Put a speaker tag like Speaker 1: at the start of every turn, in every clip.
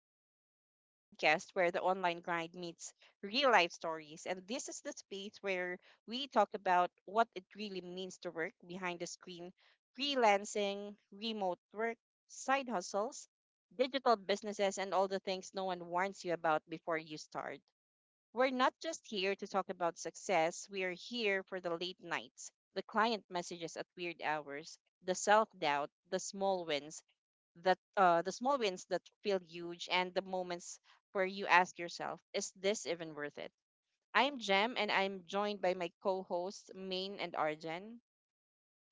Speaker 1: Diaries, the podcast where the online grind meets real life stories. And this is the space where we talk about what it really means to work behind the screen, freelancing, remote work, side hustles, digital businesses, and all the things no one warns you about before you start. We're not just here to talk about success, we are here for the late nights, the client messages at weird hours, the self doubt, the small wins that feel huge and the moments where you ask yourself, is this even worth it? I'm Jem and I'm joined by my co-hosts Main and Arjen.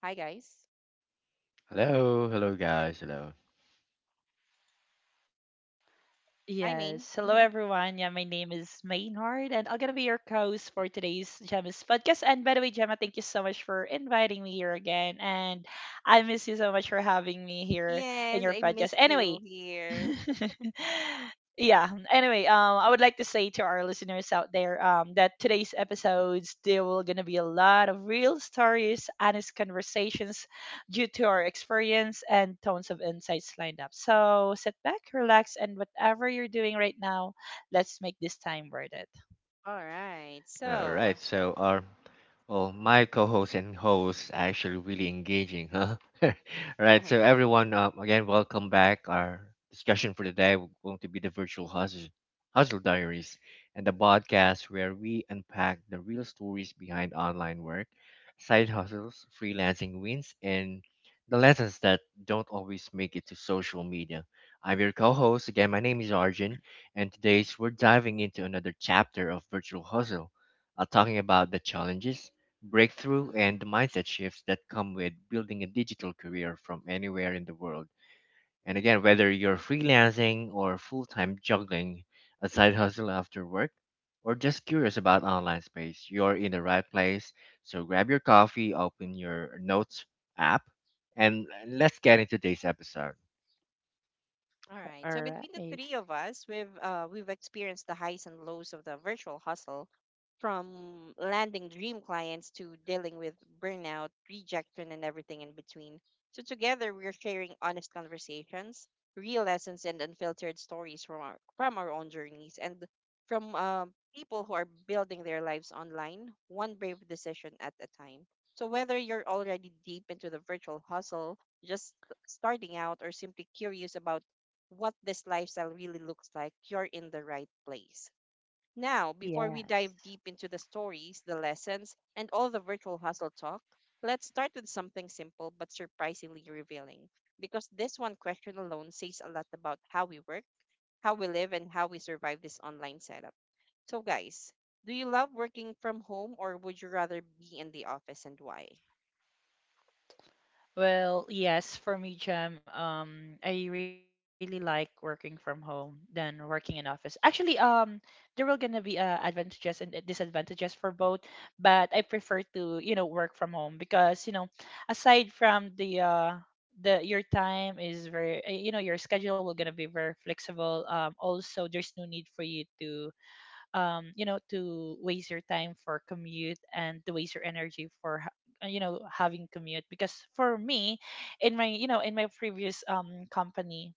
Speaker 1: Hi guys.
Speaker 2: Hello, hello guys, hello.
Speaker 1: Hi Main.
Speaker 3: Yes. Hello, everyone. Yeah, my name is Maynard, and I'm gonna be your co-host for today's Gemma's podcast. And by the way, Gemma, thank you so much for inviting me here again, and I miss you so much for having me here in
Speaker 1: Yes,
Speaker 3: your
Speaker 1: I
Speaker 3: podcast.
Speaker 1: missed you
Speaker 3: Anyway,
Speaker 1: here.
Speaker 3: yeah. Anyway, I would like to say to our listeners out there, that today's episodes there will gonna be a lot of real stories, honest conversations due to our experience and tons of insights lined up. So sit back, relax, and whatever you're doing right now, let's make this time worth it.
Speaker 1: All right.
Speaker 2: All right,
Speaker 1: So,
Speaker 2: so our, Well, my co-host and host are actually really engaging, huh? All right, so everyone, again, welcome back. Our discussion for today will going to be the virtual hustle, hustle diaries and the podcast where we unpack the real stories behind online work, side hustles, freelancing wins, and the lessons that don't always make it to social media. I'm your co-host again. My name is Arjun, and today's we're diving into another chapter of virtual hustle talking about the challenges, breakthrough and the mindset shifts that come with building a digital career from anywhere in the world. And again, whether you're freelancing or full time juggling a side hustle after work, or just curious about online space, you're in the right place. So grab your coffee, open your notes app, and let's get into today's episode.
Speaker 1: all right. So between
Speaker 3: All
Speaker 1: the three of
Speaker 3: right.
Speaker 1: us, we've experienced the highs and lows of the virtual hustle, from landing dream clients to dealing with burnout, rejection, and everything in between. So together, we're sharing honest conversations, real lessons, and unfiltered stories from our own journeys and from people who are building their lives online, one brave decision at a time. So whether you're already deep into the virtual hustle, just starting out, or simply curious about what this lifestyle really looks like, you're in the right place. Now, before we dive
Speaker 3: Yes.
Speaker 1: deep into the stories, the lessons, and all the virtual hustle talk, let's start with something simple but surprisingly revealing. Because this one question alone says a lot about how we work, how we live, and how we survive this online setup. So, guys, do you love working from home or would you rather be in the office and why?
Speaker 3: Well, yes, for me, Jam, I really like working from home than working in office. Actually, there will gonna be advantages and disadvantages for both, but I prefer to, you know, work from home because, you know, aside from the your time is very, you know, your schedule will gonna be very flexible. Also, there's no need for you to you know, to waste your time for commute and to waste your energy for you know, having commute because for me in my, you know, in my previous company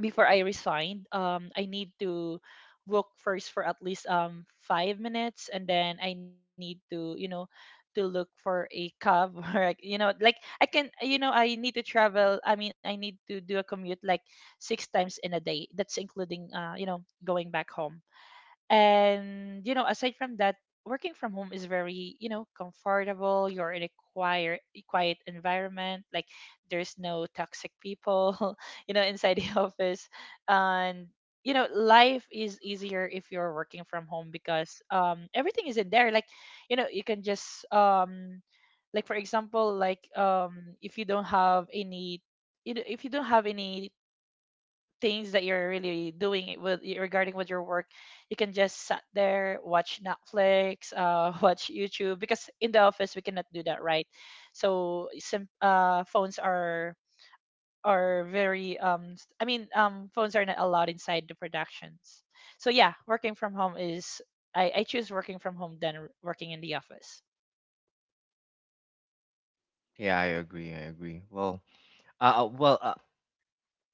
Speaker 3: before I resigned, I need to walk first for at least 5 minutes, and then I need to, you know, to look for a cab or, like, you know, like I can, you know, I need to travel, I mean, I need to do a commute like six times in a day, that's including, you know, going back home. And you know, aside from that, working from home is very, you know, comfortable. You're in a quiet environment, like there's no toxic people you know, inside the office. And you know, life is easier if you're working from home because everything is in there, like, you know, you can just like, for example, like, if you don't have any, you know, if you don't have any things that you're really doing it with regarding with your work, you can just sat there, watch Netflix, watch YouTube, because in the office we cannot do that, right? So some phones are very phones are not allowed inside the productions. So yeah, working from home is, I choose working from home than working in the office.
Speaker 2: Yeah, I agree. I agree. Well, uh, uh, well, uh,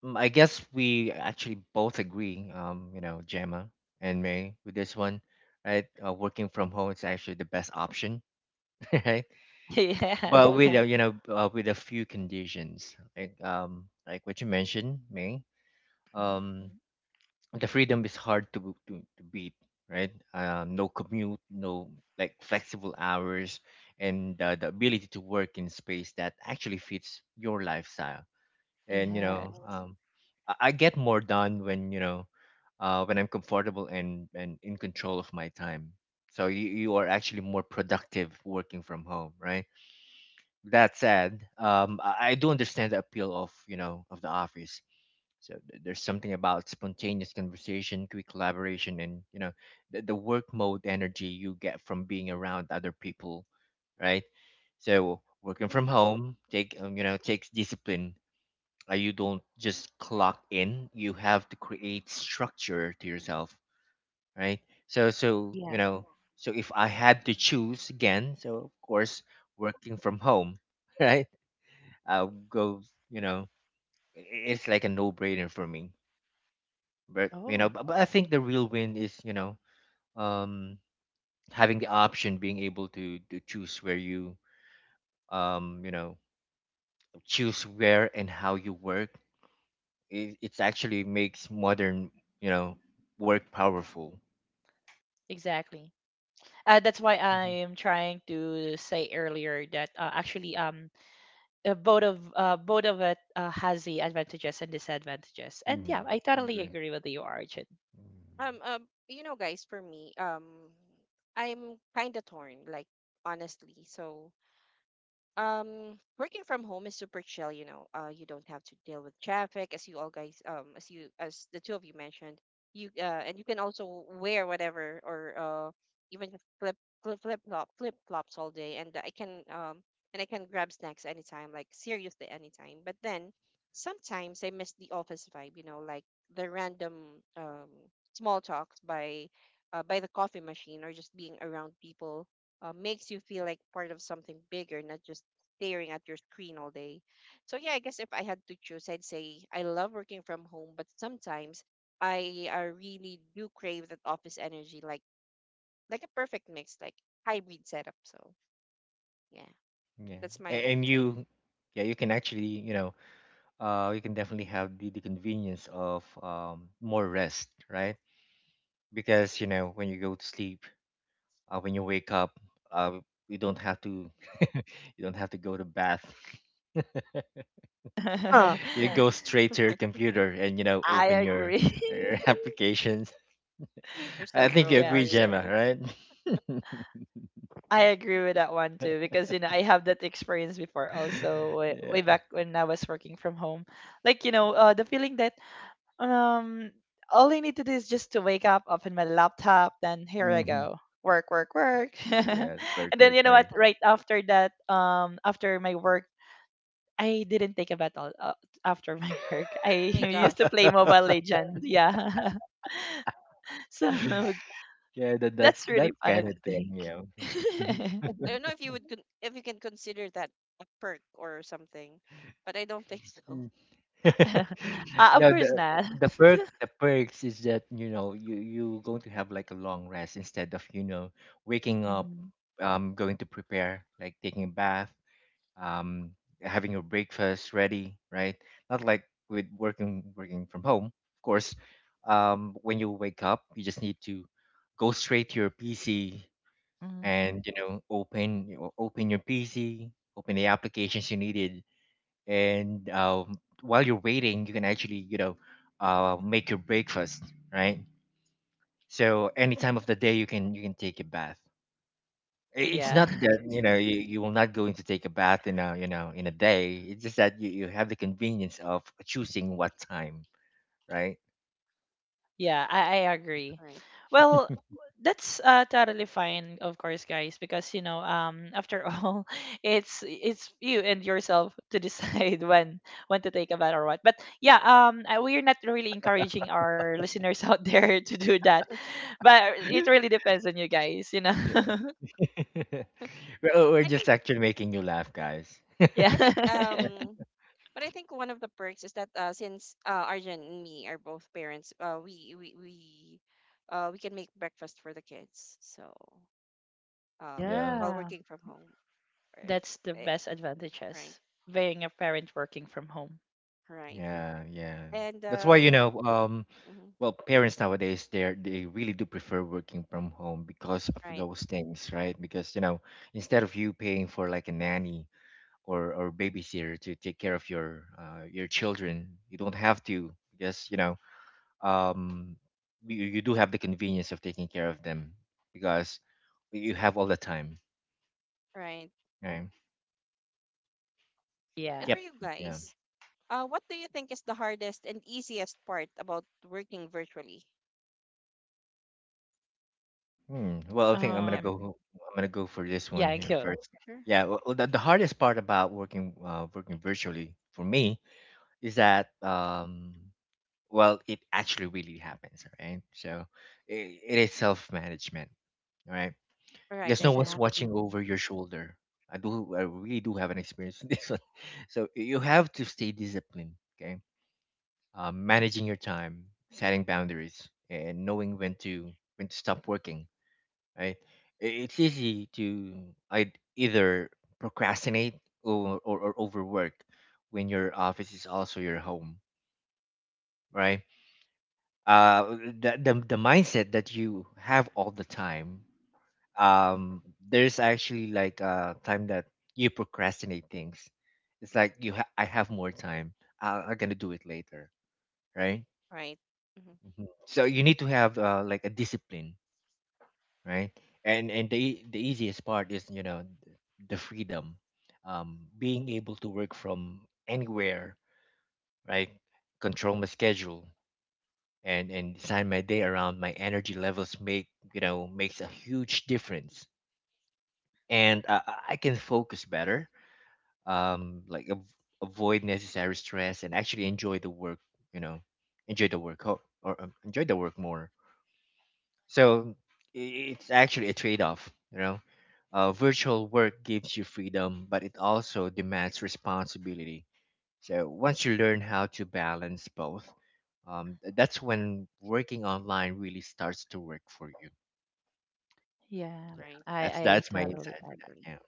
Speaker 2: Mm, I guess we actually both agree, you know, Gemma and May with this one, right? Working from home is actually the best option, right?
Speaker 3: Yeah.
Speaker 2: But with a, Right. you know, with a few conditions, like what you mentioned, May.
Speaker 3: Mm,
Speaker 2: Um, the freedom is hard to beat, right? No commute, no like flexible hours, and the ability to work in space that actually fits your lifestyle and you
Speaker 3: yes,
Speaker 2: know um, I get more done when when I'm comfortable and in control of my time. So you are actually more productive working from home, right? That said, I do understand the appeal of you know of the office. So there's something about spontaneous conversation, quick collaboration, and you know the work mode energy you get from being around other people, right? So working from home take you know takes discipline you don't just clock in. You have to create structure to yourself, right? So, so
Speaker 3: yeah.
Speaker 2: you know, so if I had to choose again, so of course, working from home, right? I'll go. You know, it's like a no-brainer for me. But you
Speaker 3: Oh,
Speaker 2: know, but I think the real win is you know, um, having the option, being able to choose where you, you know, choose where and how you work it actually makes modern you know work powerful.
Speaker 3: exactly. That's why
Speaker 2: Mhm.
Speaker 3: I'm trying to say earlier that actually, both of it has the advantages and disadvantages. And yeah, I
Speaker 2: Mm-hmm.
Speaker 3: totally
Speaker 2: Agree.
Speaker 3: agree with you, Arjun.
Speaker 2: Mm.
Speaker 1: You know, guys, for me, I'm kind of torn, like honestly. So, working from home is super chill, you know. You don't have to deal with traffic, as you all guys as you as the two of you mentioned. You And you can also wear whatever, or uh even flip flip flops all day, and I can grab snacks anytime, like seriously anytime. But then sometimes I miss the office vibe, you know, like the random um small talks by the coffee machine, or just being around people. Makes you feel like part of something bigger, not just staring at your screen all day. So yeah, I guess if I had to choose, I'd say I love working from home, but sometimes I really do crave that office energy, like a perfect mix, like hybrid setup. So yeah,
Speaker 2: Yeah,
Speaker 1: that's
Speaker 2: and,
Speaker 1: my
Speaker 2: and
Speaker 1: take.
Speaker 2: you yeah you can actually you know you can definitely have the convenience of more rest, right? Because you know when you go to sleep when you wake up uh you don't have to you don't have to go to bath
Speaker 1: Huh.
Speaker 2: You Right. go straight to your computer and you know
Speaker 3: I
Speaker 2: open
Speaker 3: agree.
Speaker 2: your applications.
Speaker 1: You're
Speaker 2: I
Speaker 1: so
Speaker 2: think you
Speaker 1: gross,
Speaker 3: Yeah,
Speaker 2: agree
Speaker 1: Arj.
Speaker 2: Gemma, right?
Speaker 3: I agree with that one too because, you know, I have that experience before also way, way
Speaker 2: Yeah.
Speaker 3: back when I was working from home. Like, you know, the feeling that, Um, all I need to do is just to wake up, open my laptop, then here I
Speaker 2: Hmm.
Speaker 3: go. Work, work, work.
Speaker 2: Yeah, it's very,
Speaker 3: And then
Speaker 2: very,
Speaker 3: you know what?
Speaker 2: very.
Speaker 3: Right after that, after my work, I didn't take a bath all, after my work. I
Speaker 1: My
Speaker 3: used to
Speaker 1: gosh,
Speaker 3: play Mobile Legends. Yeah. So,
Speaker 2: Yeah, that's
Speaker 3: that's really
Speaker 2: that
Speaker 3: funny
Speaker 2: kind of
Speaker 3: to
Speaker 2: thing, you know.
Speaker 3: think.
Speaker 1: I don't know if if you can consider that a perk or something, but I don't think so.
Speaker 3: uh, of
Speaker 2: No, the
Speaker 3: course not.
Speaker 2: the perk the perks is that you know you you going to have like a long rest instead of you know waking up,
Speaker 3: Hmm.
Speaker 2: going to prepare like taking a bath, um, having your breakfast ready, right? Not like with working from home, of course. When you wake up, you just need to go straight to your PC
Speaker 3: Hmm.
Speaker 2: and you know open your pc, open the applications you needed and while you're waiting you can actually you know make your breakfast, right? So any time of the day you can take a bath. It's
Speaker 3: Yeah.
Speaker 2: not that you know you, you will not going to take a bath in a you know in a day, it's just that you have the convenience of choosing what time, right?
Speaker 3: Yeah, I agree.
Speaker 1: Right.
Speaker 3: Well, that's totally fine, of course, guys, because you know, after all, it's you and yourself to decide when to take a bath or what. But yeah, I- we're not really encouraging our listeners out there to do that, but it really depends on you guys, you know.
Speaker 2: Yeah. We're
Speaker 1: I
Speaker 2: just
Speaker 1: think
Speaker 2: actually making you laugh guys.
Speaker 3: Yeah,
Speaker 1: I think But I think one of the perks is that since Arjun and me are both parents, we can make breakfast for the kids. So um,
Speaker 2: Yeah.
Speaker 1: while
Speaker 3: yeah,
Speaker 1: working from home, if
Speaker 3: that's the
Speaker 1: eh,
Speaker 3: best
Speaker 1: right,
Speaker 3: advantages being a parent working from home.
Speaker 1: right,
Speaker 2: Yeah, yeah.
Speaker 1: and
Speaker 2: That's why, you know,
Speaker 1: mhm,
Speaker 2: well, parents nowadays they're they really do prefer working from home because of
Speaker 1: right,
Speaker 2: those things, right? Because, you know, instead of you paying for like a nanny or babysitter to take care of your children, you don't have to because, you know, um, you, you do have the convenience of taking care of them because you have all the time,
Speaker 1: right.
Speaker 2: right?
Speaker 1: And
Speaker 3: Yeah.
Speaker 1: for
Speaker 2: Yep.
Speaker 1: you
Speaker 2: Yeah.
Speaker 1: guys, what do you think is the hardest and easiest part about working virtually?
Speaker 2: Hmm. Well, I think I'm
Speaker 3: Um.
Speaker 2: gonna
Speaker 1: Yep.
Speaker 2: go. I'm gonna go for
Speaker 3: Yeah.
Speaker 2: this one
Speaker 3: Cool.
Speaker 2: here first.
Speaker 1: Sure.
Speaker 2: Yeah. Well, the hardest part about working working virtually for me is that well, it actually really happens, right? So it is self management, right?
Speaker 1: Right, I
Speaker 2: Because no one's
Speaker 1: agree.
Speaker 2: watching
Speaker 3: Exactly.
Speaker 2: over your shoulder. I do. I really do have an experience in this one. So you have to stay disciplined. Okay. Managing your time, setting boundaries, and knowing when to stop working, right? It's easy to I'd either procrastinate or overwork when your office is also your home, right? The mindset that you have all the time, um, there's actually like a time that you procrastinate things. It's like I have more time. I'm gonna do it later, right?
Speaker 1: Right. hmm
Speaker 2: Mhm. So you need to have like a discipline, right? And the easiest part is the freedom, um, being able to work from anywhere, right? Control my schedule and design my day around my energy levels make you know makes a huge difference. And I can focus better, um, like avoid necessary stress and actually enjoy the work, you know, enjoy the work or enjoy the work more. So i- it's actually a trade-off, you know. Virtual work gives you freedom, but it also demands responsibility. So once you learn how to balance both, that's when working online really starts to work for you.
Speaker 3: Yeah,
Speaker 2: Yeah,
Speaker 1: Right.
Speaker 3: I I
Speaker 2: that's my
Speaker 3: totally
Speaker 2: insight for
Speaker 3: agree.
Speaker 2: that.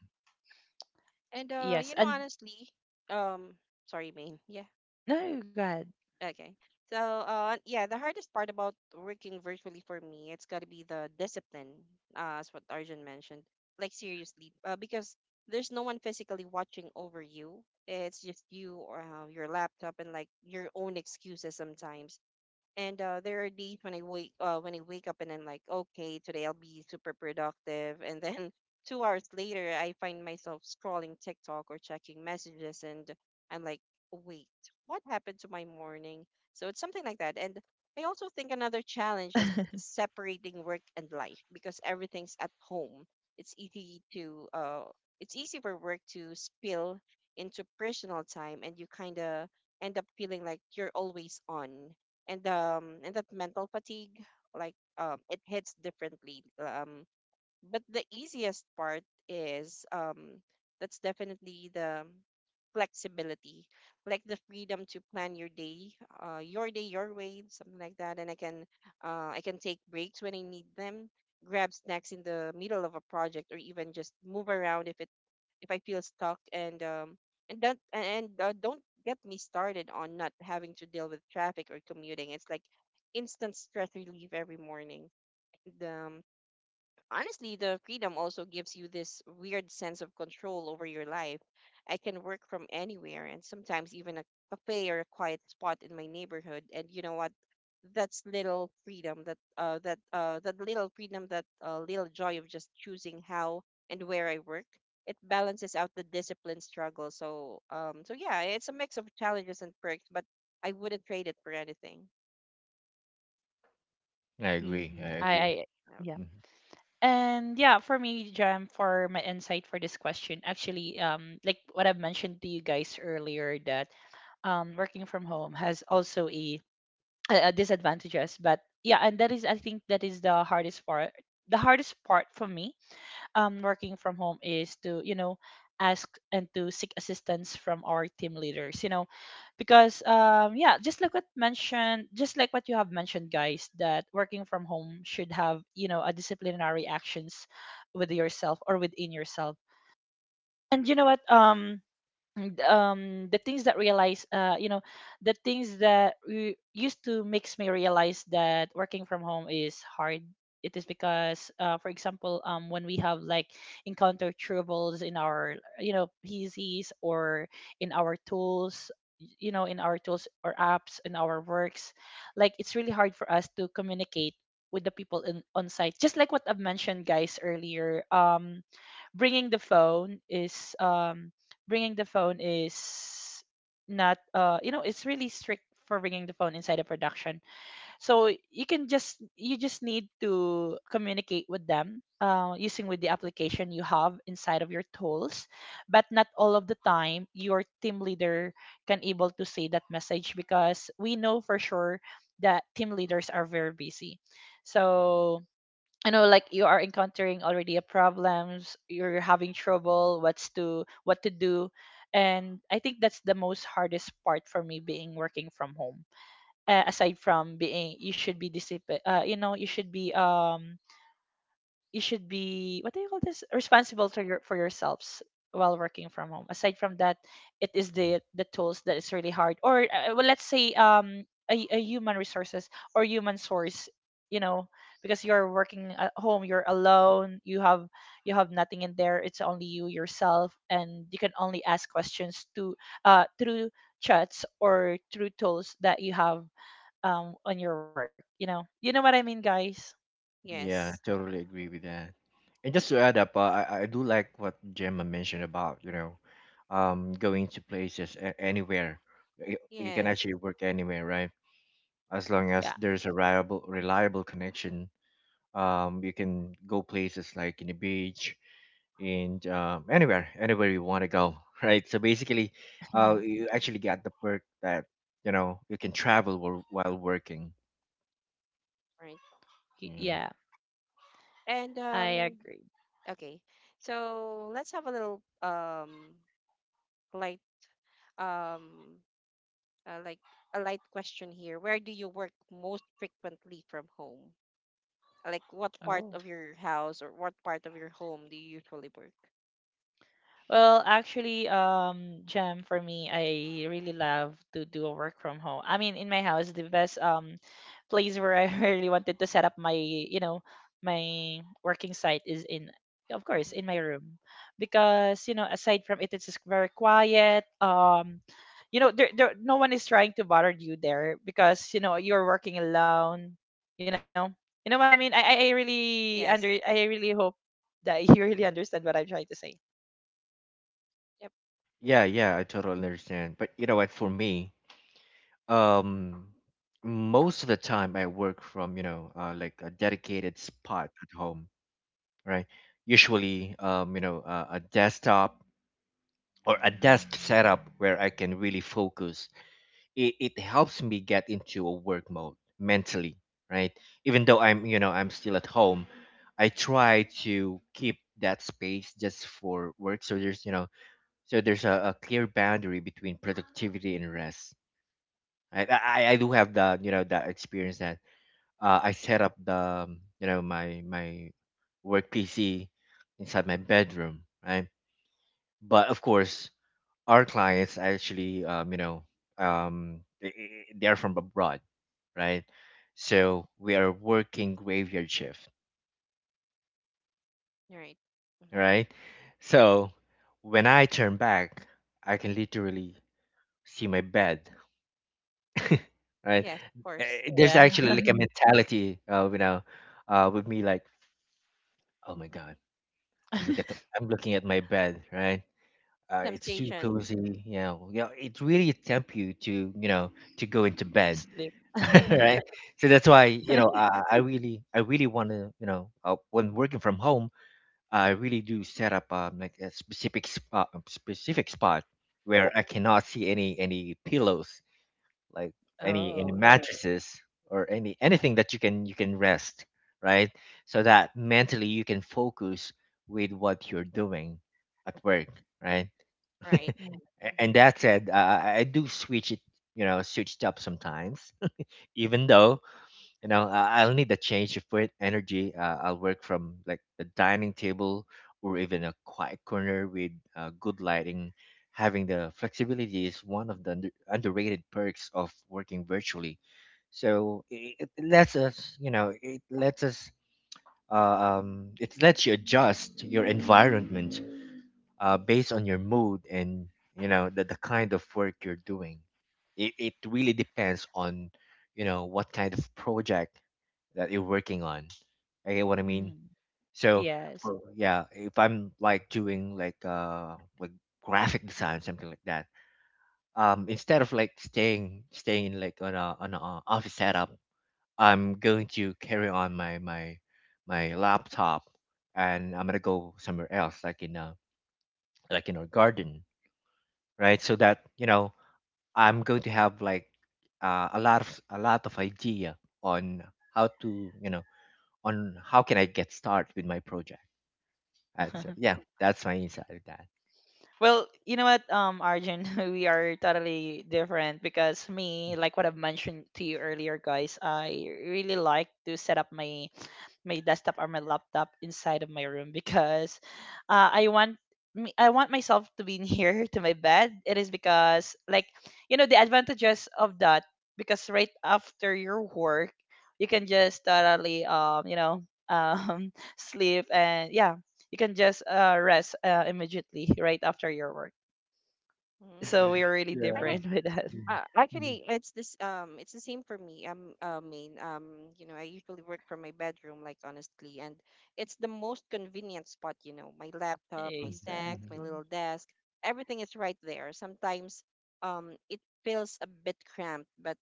Speaker 1: And you
Speaker 3: Yes,
Speaker 1: know,
Speaker 3: and
Speaker 1: honestly, um, sorry, Maine. Yeah.
Speaker 3: no, go ahead.
Speaker 1: Okay. So, yeah, the hardest part about working virtually for me, it's got to be the discipline, as what Arjun mentioned. Like, seriously, because there's no one physically watching over you. It's just you or your laptop and like your own excuses sometimes. And there are days when I wake up and I'm like, okay, today I'll be super productive. And then 2 hours later, I find myself scrolling TikTok or checking messages, and I'm like, wait, what happened to my morning? So it's something like that. And I also think another challenge is separating work and life because everything's at home. It's easy to uh, it's easy for work to spill into personal time, and you kind of end up feeling like you're always on, and that mental fatigue, it hits differently. But the easiest part is, that's definitely the flexibility, like the freedom to plan your day, your way, something like that. And i can uh i can take breaks when I need them, grab snacks in the middle of a project, or even just move around if I feel stuck. And don't get me started on not having to deal with traffic or commuting. It's like instant stress relief every morning. And, honestly, the freedom also gives you this weird sense of control over your life. I can work from anywhere, and sometimes even a cafe or a quiet spot in my neighborhood. And you know what? That little freedom, that little joy of just choosing how and where I work, it balances out the discipline struggle. So yeah, it's a mix of challenges and perks, but I wouldn't trade it for anything.
Speaker 2: Yeah, I
Speaker 3: Hmm.
Speaker 2: agree.
Speaker 3: I
Speaker 2: I
Speaker 3: I
Speaker 2: agree.
Speaker 3: yeah.
Speaker 1: Yeah.
Speaker 2: Mhm.
Speaker 3: And yeah, for me, Jam, for my insight for this question, actually, like what I've mentioned to you guys earlier, that working from home has also a disadvantages, but yeah, and that is, I think that is the hardest part for me working from home is to, you know, ask and to seek assistance from our team leaders, you know, because yeah, just like what mentioned, just like what you have mentioned, guys, that working from home should have, you know, a disciplinary actions with yourself or within yourself. And you know what, and the things that realize, you know, the things that used to makes me realize that working from home is hard, it is because, for example, when we have like encounter troubles in our, you know, PCs or in our tools, you know, in our tools or apps in our works, like it's really hard for us to communicate with the people in on site. Just like what I've mentioned, guys, earlier, bringing the phone is um bringing the phone is not, you know, it's really strict for bringing the phone inside a production. So you can just, you just need to communicate with them, using with the application you have inside of your tools. But not all of the time your team leader can able to see that message, because we know for sure that team leaders are very busy. So, you know, like you are encountering already a problems, you're having trouble, what's to what to do. And I think that's the most hardest part for me being working from home, aside from being you should be disciplined, you know, you should be you should be, what do you call this, responsible to your, for yourselves while working from home. Aside from that, it is the tools that is really hard, or well, let's say a human resources or human source, you know, because you're working at home, you're alone, you have, you have nothing in there, it's only you yourself and you can only ask questions to through chats or through tools that you have on your work. You know, you know what I mean, guys.
Speaker 2: Yeah,
Speaker 1: Yes.
Speaker 2: totally agree with that. And just to add up, I do like what Gemma mentioned about, you know, going to places anywhere. You can
Speaker 1: Yes.
Speaker 2: actually work anywhere, right? As long
Speaker 3: Yeah,
Speaker 2: as there's a reliable connection, you can go places like in the beach, and anywhere you want to go, right? So basically, you actually get the perk that you know you can travel while working.
Speaker 1: Right.
Speaker 2: Yeah.
Speaker 3: Yeah,
Speaker 1: And
Speaker 3: I agree.
Speaker 1: okay, so let's have a little light, um like a light question here. Where do you work most frequently from home? Like what part
Speaker 3: Oh.
Speaker 1: of your house or what part of your home do you usually work?
Speaker 3: Well, actually, Jam, for me, I really love to do work from home. I mean, in my house, the best place where I really wanted to set up my, you know, my working site is in, of course,
Speaker 1: Mm-hmm.
Speaker 3: in my room, because you know, aside from it, it's just very quiet. You know, no one is trying to bother you there because you know you're working alone. You know, you know what I mean. I really under, I
Speaker 1: Yes.
Speaker 3: really hope that you really understand what I'm trying to say.
Speaker 1: Yep.
Speaker 2: Yeah, yeah, I totally understand. But you know what? For me, um, most of the time I work from, you know, like a dedicated spot at home, right? Usually, you know, a desktop or a desk setup where I can really focus. It helps me get into a work mode mentally, right? Even though I'm, you know, I'm still at home, I try to keep that space just for work. So there's a clear boundary between productivity and rest. I do have the, you know, that experience that I set up the you know my work PC inside my bedroom, right? But of course, our clients actually you know um, they, they are from abroad, right? So we are working graveyard shift,
Speaker 1: You're right. Mm-hmm.
Speaker 2: right? So when I turn back, I can literally see my bed, right?
Speaker 1: Yes, of course.
Speaker 2: There's
Speaker 3: Yeah,
Speaker 2: actually like a mentality, you know, with me like, oh my god, I'm looking at my bed, right? It's too
Speaker 1: Temptation.
Speaker 2: cozy, you know. You know, it really tempt you to, you know, to go into bed,
Speaker 3: sleep.
Speaker 2: right? So that's why, you know, I really, I really want to, you know, when working from home, I really do set up like a specific spot where I cannot see any pillows, like any
Speaker 3: Oh.
Speaker 2: mattresses or any anything that you can rest, right? So that mentally you can focus with what you're doing at work, right?
Speaker 1: Right.
Speaker 3: Mm,
Speaker 2: A-
Speaker 1: Mm-hmm.
Speaker 2: and that said I do switch it you know switch it up sometimes even though you know I'll need a change of weight energy, I'll work from like the dining table or even a quiet corner with good lighting. Having the flexibility is one of the underrated perks of working virtually, so it lets us you know it lets us it lets you adjust your environment based on your mood and you know the kind of work you're doing. It really depends on you know what kind of project that you're working on. I get what I
Speaker 3: mm.
Speaker 2: mean. So
Speaker 3: Yes.
Speaker 2: for yeah, if I'm like doing like like graphic design something like that, instead of like staying in like on a office setup, I'm going to carry on my laptop, and I'm gonna go somewhere else like in a garden, right? So that you know I'm going to have like a lot of idea on how to you know on how can I get started with my project. Yeah, that's my insight of that.
Speaker 3: Well, you know what, Arjun, we are totally different, because me, like what I've mentioned to you earlier, guys, I really like to set up my my desktop or my laptop inside of my room because I want, me, I want myself to be near to my bed. It is because, like, you know, the advantages of that, because right after your work you can just totally you know, sleep. And yeah, you can just rest immediately right after your work. So
Speaker 1: Mm.
Speaker 3: we are really
Speaker 1: I
Speaker 2: Yeah.
Speaker 1: think
Speaker 3: different with that.
Speaker 2: Mhm, mhm,
Speaker 1: Actually, it's this it's the same for me. I mean, you know, I usually work from my bedroom, like honestly, and it's the most convenient spot, you know. My laptop, my
Speaker 2: mhm,
Speaker 1: snack, my
Speaker 2: mhm,
Speaker 1: little
Speaker 3: Exactly.
Speaker 1: desk, everything is right there. Sometimes it feels a bit cramped, but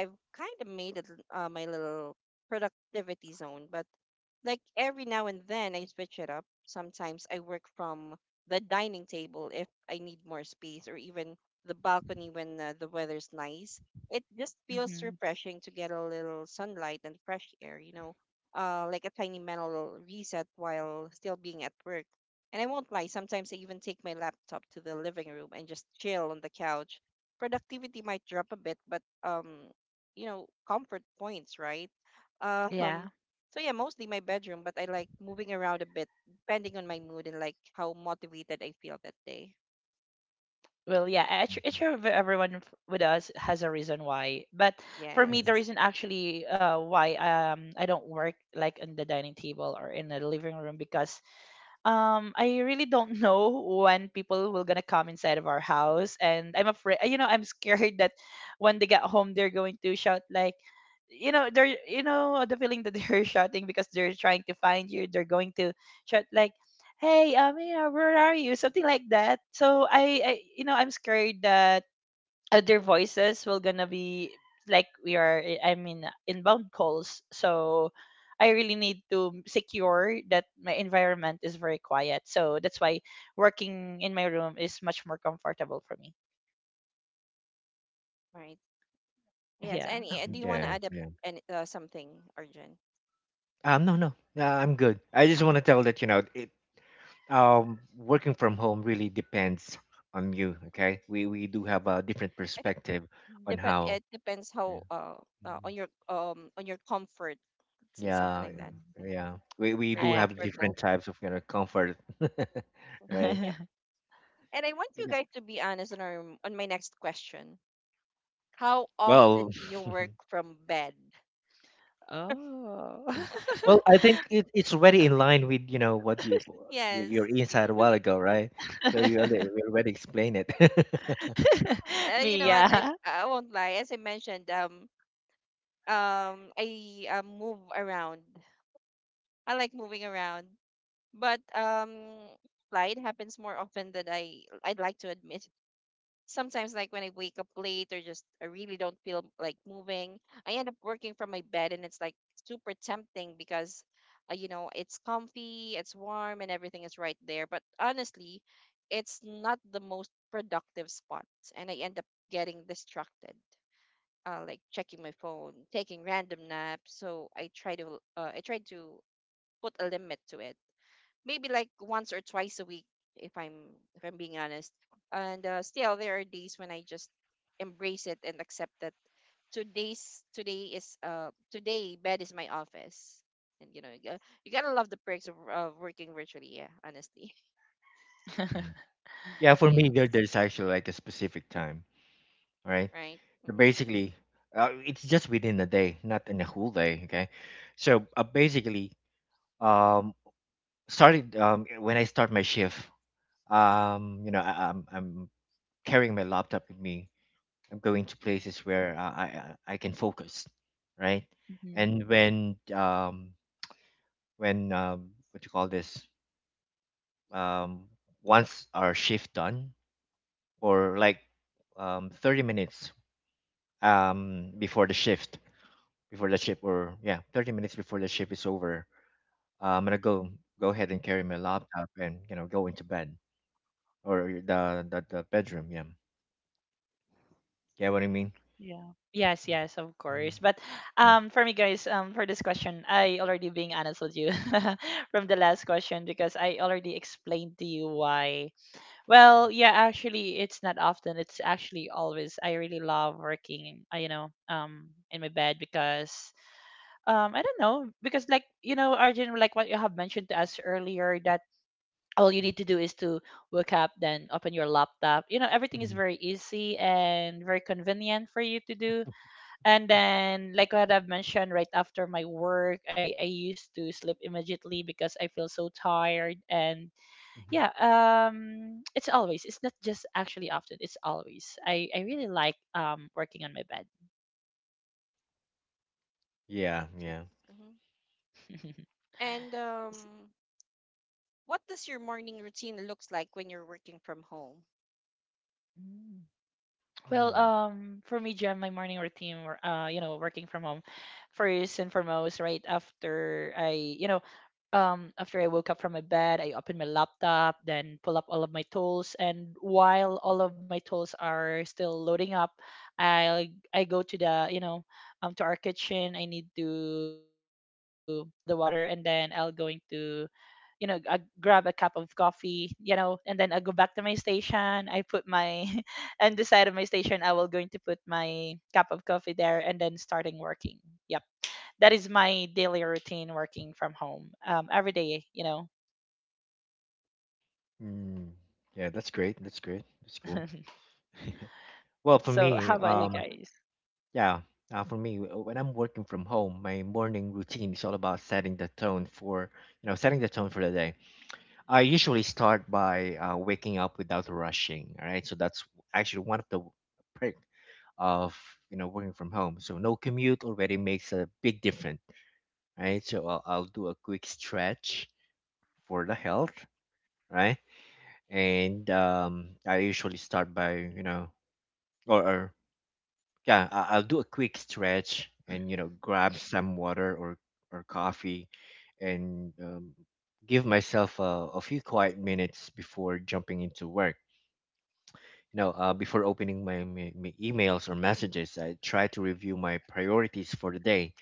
Speaker 1: I've kind of made it my little productivity zone. But like every now and then I switch it up. Sometimes I work from the dining table if I need more space, or even the balcony when the weather's nice. It just feels
Speaker 3: Hmm.
Speaker 1: refreshing to get a little sunlight and fresh air, you know, like a tiny mental reset while still being at work. And I won't lie, sometimes I even take my laptop to the living room and just chill on the couch. Productivity might drop a bit, but you know, comfort points, right?
Speaker 3: Yeah.
Speaker 1: Um, so yeah, mostly my bedroom, but I like moving around a bit, depending on my mood and like how motivated I feel that day.
Speaker 3: Well, yeah, actually,
Speaker 2: mhm,
Speaker 3: actually everyone with us has a reason why. But for me,
Speaker 2: mhm.
Speaker 3: the
Speaker 1: Yes,
Speaker 3: reason actually, why I don't work like on the dining table or in the living room, because I really don't know when people will gonna come inside of our house, and I'm afraid, you know, I'm scared that when they get home they're going to shout like, you know, they're, you know, the feeling that they're shouting because they're trying to find you, they're going to shout like, hey, you know, where are you, something like that. So I you know, I'm scared that other voices will gonna be like, we are, I'm in inbound calls, so I really need to secure that my environment is very quiet. So that's why working in my room is much more comfortable for me.
Speaker 1: right. Yes,
Speaker 3: Yeah.
Speaker 1: and, do you want to
Speaker 2: Yeah,
Speaker 1: add up
Speaker 2: yeah.
Speaker 1: any, something, Arjun?
Speaker 2: No, I'm good. I just want to tell that you know it. Working from home really depends on you. Okay, we do have a different
Speaker 1: I think
Speaker 2: perspective on
Speaker 1: Depend,
Speaker 2: how.
Speaker 1: it depends
Speaker 2: Yeah.
Speaker 1: how,
Speaker 2: Mhm,
Speaker 1: on your comfort, let's say something
Speaker 2: yeah,
Speaker 1: like
Speaker 3: Mhm.
Speaker 1: that.
Speaker 3: Mhm.
Speaker 2: yeah.
Speaker 1: Mm-hmm.
Speaker 2: Yeah. We
Speaker 1: Where
Speaker 3: I
Speaker 2: do
Speaker 1: you're
Speaker 2: have
Speaker 3: agree.
Speaker 2: different
Speaker 1: comfortable.
Speaker 2: types of you know comfort, right?
Speaker 1: Yep. And I want you
Speaker 2: Yeah.
Speaker 1: guys to be honest on our on my next question. How often
Speaker 2: Well,
Speaker 1: do you work from bed?
Speaker 3: Oh.
Speaker 2: Mm. Well, I think it's already in line with you know what you your
Speaker 1: Yes.
Speaker 2: insight a while ago, right? So you already explained it.
Speaker 1: You
Speaker 3: Me,
Speaker 1: know what?
Speaker 3: yeah.
Speaker 1: I won't lie. As I mentioned, I move around. I like moving around, but lie, it happens more often than I'd like to admit. Sometimes, like when I wake up late or just I really don't feel like moving, I end up working from my bed, and it's like super tempting because, you know, it's comfy, it's warm, and everything is right there. But honestly, it's not the most productive spot, and I end up getting distracted, like checking my phone, taking random naps. So I try to put a limit to it. Maybe like once or twice a week, if I'm if I'm being honest. And still, there are days when I just embrace it and accept that today bed is my office. And you know, you gotta love the perks of working virtually. Yeah, honestly.
Speaker 2: Mm. Yeah, for me,
Speaker 1: yes.
Speaker 2: there's actually like a specific time, right?
Speaker 1: Right.
Speaker 2: So
Speaker 1: Mm-hmm.
Speaker 2: basically, it's just within a day, not in a whole day, okay? So basically, um, started when I start my shift, you know, I'm carrying my laptop with me. I'm going to
Speaker 1: mm-hmm.
Speaker 2: places where I can focus, right?
Speaker 3: Mhm.
Speaker 2: And when what you call this um once our shift done, or like 30 minutes before the shift, or 30 minutes before the shift is over, I'm gonna go ahead and carry my laptop and you know go into bed, or the bedroom. Yeah, get what I mean.
Speaker 3: Yeah. Yes, yes, of course.
Speaker 2: Mhm.
Speaker 3: But
Speaker 2: Yeah.
Speaker 3: for me, guys, for this question, I already being honest with you from the last question because I already explained to you why. Well, yeah, actually it's not often, it's actually always. I really love working, in my bed because I don't know, because Arjun, like what you have mentioned to us earlier, that all you need to do is to wake up, then open your laptop. You know, everything is
Speaker 2: Mhm.
Speaker 3: very easy and very convenient for you to do. And then, like what I've mentioned, right after my work, I used to sleep immediately because I feel so tired. And
Speaker 2: Mhm.
Speaker 3: yeah, it's always, it's not just actually often, it's always. I really like working on my bed.
Speaker 1: Thank
Speaker 2: Yeah,
Speaker 1: you.
Speaker 2: yeah.
Speaker 1: Hmm And
Speaker 3: S-
Speaker 1: what does your morning routine looks like when you're working from home?
Speaker 3: mm. Well,
Speaker 2: Hmm.
Speaker 3: for me, Jam, my morning routine, working from home, first and foremost, right after I, you know, after I woke up from my bed, I open my laptop, then pull up all of my tools. And while all of my tools are still loading up, I go to the, you know, to our kitchen. I need to boil the water, and then I'll going to, you know, I grab a cup of coffee, you know, and then I go back to my station. I put my on the side of my station. I will going to put my cup of coffee there, and then starting working. Yep, that is my daily routine working from home, every day, you know.
Speaker 2: Mm, yeah, that's great. That's great. That's cool.
Speaker 1: Hmm
Speaker 2: Well, for
Speaker 3: So how
Speaker 2: me,
Speaker 3: about you guys?
Speaker 2: yeah, for me, when I'm working from home, my morning routine is all about setting the tone for, you know, setting the tone for the day. I usually start by waking up without rushing. All right, so that's actually one of the perk of you know working from home. So no commute already makes a big difference. Right, so I'll do a quick stretch for the health. Right, and I usually start by you know or Yeah, I'll do a quick stretch and you know grab some water or coffee, and give myself a few quiet minutes before jumping into work. You know, before opening my emails or messages, I try to review my priorities for the day.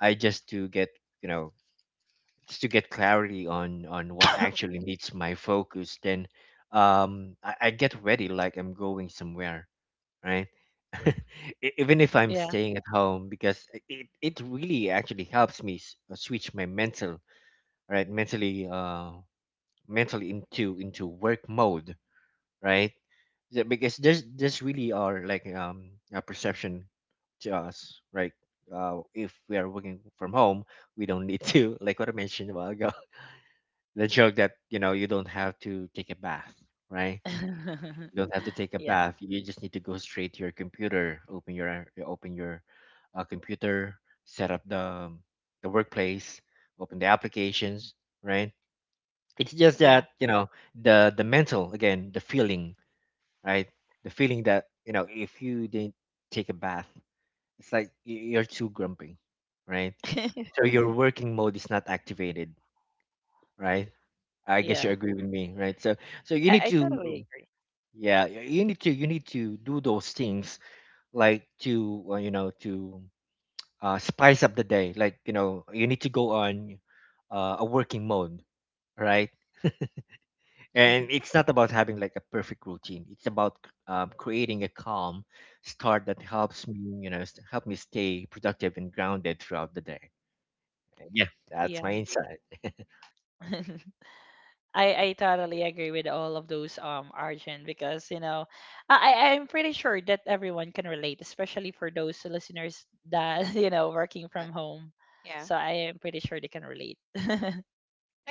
Speaker 2: I just to get you know just to get clarity on what actually needs my focus. Then, I get ready like I'm going somewhere, right? Even if I'm
Speaker 3: Yeah.
Speaker 2: staying at home, because it really actually helps me switch my mental, right? Mentally, into work mode, right? Yeah, because there's really are like a perception to us, right? If we are working from home, we don't need to, like what I mentioned a while ago, the joke that you know you don't have to take a bath, right? You don't have to take a bath.
Speaker 3: Yeah,
Speaker 2: You just need to go straight to your computer, open your you open your computer, set up the workplace, open the applications, right? It's just that
Speaker 3: yeah.
Speaker 2: you know the mental again, the feeling, right? The feeling that you know if you didn't take a bath, it's like you're too grumpy, right? So your working mode is not activated, right? I guess you
Speaker 3: Yeah,
Speaker 2: agree with me, right? So so you
Speaker 3: I,
Speaker 2: need
Speaker 3: I
Speaker 2: to
Speaker 3: totally agree.
Speaker 2: yeah, you need to do those things like to you know to spice up the day. Like you know you need to go on a working mode, right? And it's not about having like a perfect routine. It's about creating a calm start that helps me you know help me stay productive and grounded throughout the day. Yeah, that's my
Speaker 3: Yeah.
Speaker 2: insight.
Speaker 3: I totally agree with all of those Arjun because you know I I'm pretty sure that everyone can relate, especially for those listeners that you know, working
Speaker 1: But
Speaker 3: from home.
Speaker 1: yeah,
Speaker 3: So I am pretty sure they can relate.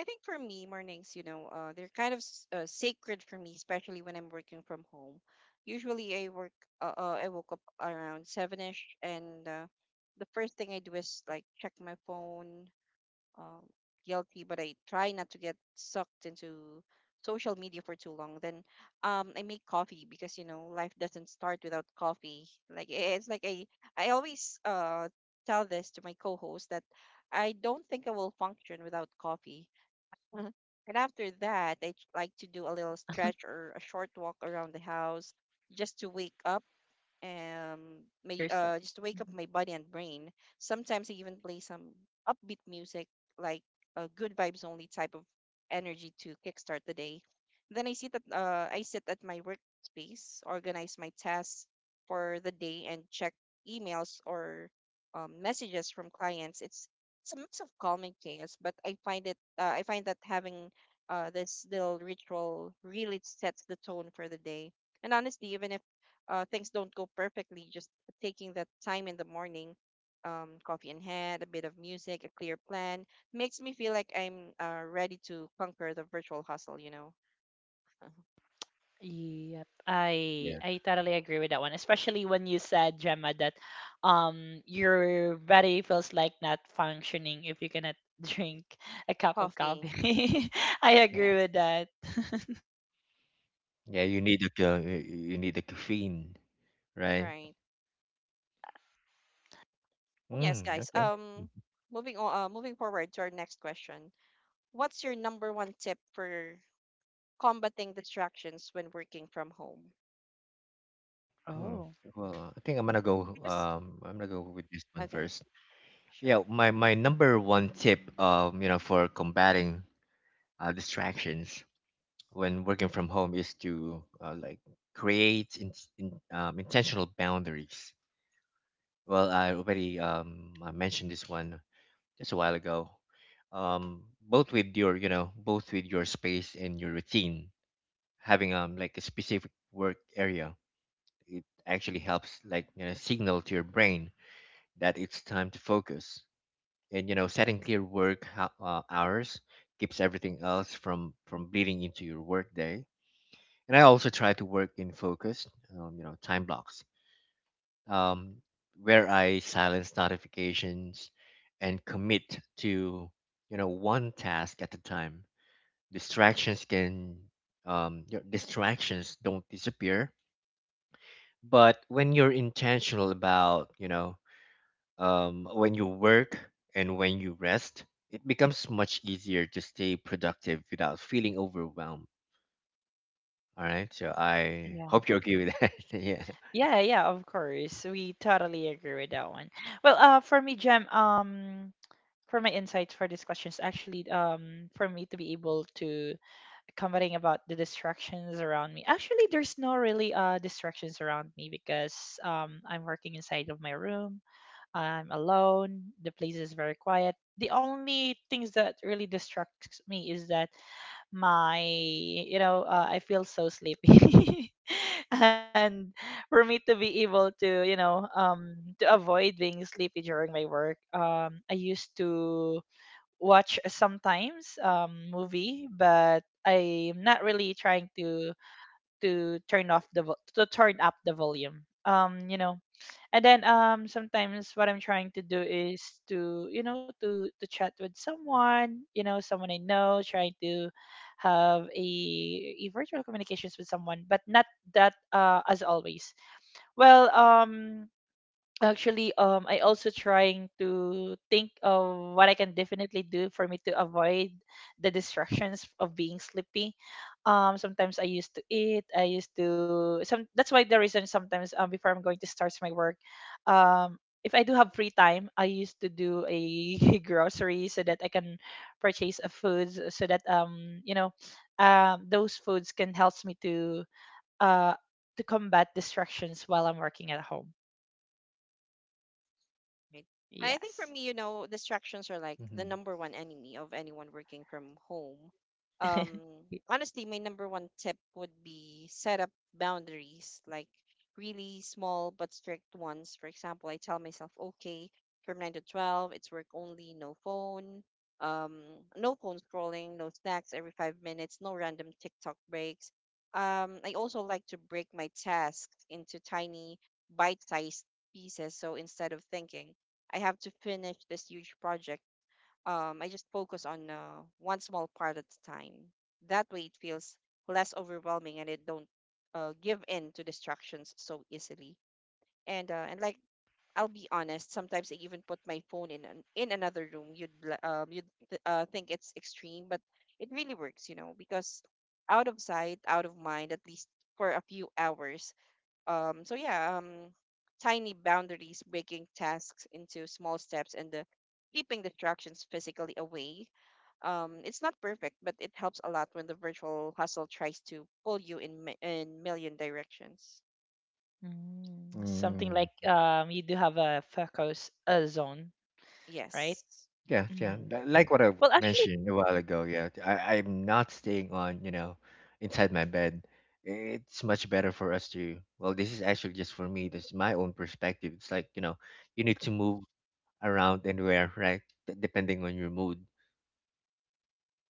Speaker 1: I think for me, mornings, you know, they're kind of sacred for me, especially when I'm working from home. Usually, I work. I woke up around seven ish, and the first thing I do is like check my phone, um, guilty, but I try not to get sucked into social media for too long. Then I make coffee because you know life doesn't start without coffee. Like it's like I always tell this to my co-host that I don't think I will function without coffee. And after that, I like to do a little stretch or a short walk around the house just to wake up um
Speaker 3: Yourself. Mhm.
Speaker 1: my body and brain. Sometimes I even play some upbeat music like a good vibes only type of energy to kickstart the day. Then I sit at my workspace, organize my tasks for the day and check emails or messages from clients. It's a mix of calm and chaos, but I find that having this little ritual really sets the tone for the day. And honestly, even if things don't go perfectly, just taking that time in the morning, coffee in hand, a bit of music, a clear plan, makes me feel like I'm ready to conquer the virtual hustle, you know.
Speaker 3: Yep, I
Speaker 2: Yeah,
Speaker 3: I totally agree with that one, especially when you said, Gemma, that your body feels like not functioning if you cannot drink a cup of
Speaker 1: Coffee.
Speaker 3: coffee. I agree
Speaker 1: Yes.
Speaker 3: with that.
Speaker 2: yeah. You need a ca- you need a caffeine, right?
Speaker 1: Right. Well, yes,
Speaker 2: Mm,
Speaker 1: guys.
Speaker 2: okay.
Speaker 1: Moving forward to our next question. What's your number one tip for combating distractions when working from home?
Speaker 2: Mm.
Speaker 3: Oh,
Speaker 2: Well, I think I'm gonna go.
Speaker 1: Because,
Speaker 2: I'm gonna go with this one
Speaker 1: okay,
Speaker 2: first. Yeah,
Speaker 1: sure.
Speaker 2: my number one tip, you know, for combating distractions when working from home is to like create intentional boundaries. Well, I already I mentioned this one just a while ago. Both with your you know both with your space and your routine, having like a specific work area, it actually helps like you know signal to your brain that it's time to focus. And you know, setting clear work hours keeps everything else from bleeding into your workday. And I also try to work in focused, you know, time blocks, um, where I silence notifications and commit to you know one task at a time. Distractions can your distractions don't disappear, but when you're intentional about you know when you work and when you rest, it becomes much easier to stay productive without feeling overwhelmed. All right. So I
Speaker 3: yeah.
Speaker 2: hope you agree with that. Yeah.
Speaker 3: Yeah, yeah, of course. We totally agree with that one. Well, for me, Jem, for my insights for these questions, actually, for me to be able to commenting about the distractions around me. Actually, there's no really distractions around me because I'm working inside of my room. I'm alone. The place is very quiet. The only things that really distracts me is that my, you know, I feel so sleepy. And for me to be able to, you know, to avoid being sleepy during my work, I used to watch sometimes movie, but I'm not really trying to turn off the vo- to turn up the volume. And then sometimes what I'm trying to do is to, you know, to chat with someone, you know, someone I know, trying to have a virtual communications with someone, but not that as always. well um Actually, I also trying to think of what I can definitely do for me to avoid the distractions of being sleepy. Sometimes I used to eat. I used to some. That's why the reason sometimes before I'm going to start my work, um, if I do have free time, I used to do a grocery so that I can purchase a foods, so that you know, those foods can help me uh to combat distractions while I'm working at home.
Speaker 1: Right. I think for
Speaker 3: Yes.
Speaker 1: me, you know, distractions are like the
Speaker 2: Hmm.
Speaker 1: number one enemy of anyone working from home. Um,
Speaker 3: Y-
Speaker 1: Honestly, my number one tip would be set up boundaries, like really small but strict ones. For example, I tell myself, okay, from 9 to 12, it's work only, no phone, um, no phone scrolling, no snacks every 5 minutes, no random TikTok breaks. I also like to break my tasks into tiny bite-sized pieces. So instead of thinking, I have to finish this huge project. I just focus on one small part at a time. That way, it feels less overwhelming, and it don't give in to distractions so easily. And like I'll be honest, sometimes I even put my phone in in another room. You'd li- you'd th- think it's extreme, but it really works, you know, because out of sight, out of mind, at least for a few hours, so yeah, tiny boundaries, breaking tasks into small steps, and the keeping distractions physically away. It's not perfect, but it helps a lot when the virtual hustle tries to pull you in in million directions.
Speaker 3: Mm, something
Speaker 2: Mm,
Speaker 3: like you do have a focus zone, right?
Speaker 1: Yes,
Speaker 2: yeah.
Speaker 3: Hmm.
Speaker 2: Yeah. Li- Like what I
Speaker 3: Well, actually,
Speaker 2: mentioned a while ago. Yeah. I, I'm not staying on, you know, inside my bed. It's much better for us to, well, this is actually just for me. This is my own perspective. It's like, you know, you need to move around and where, right? Depending on your mood,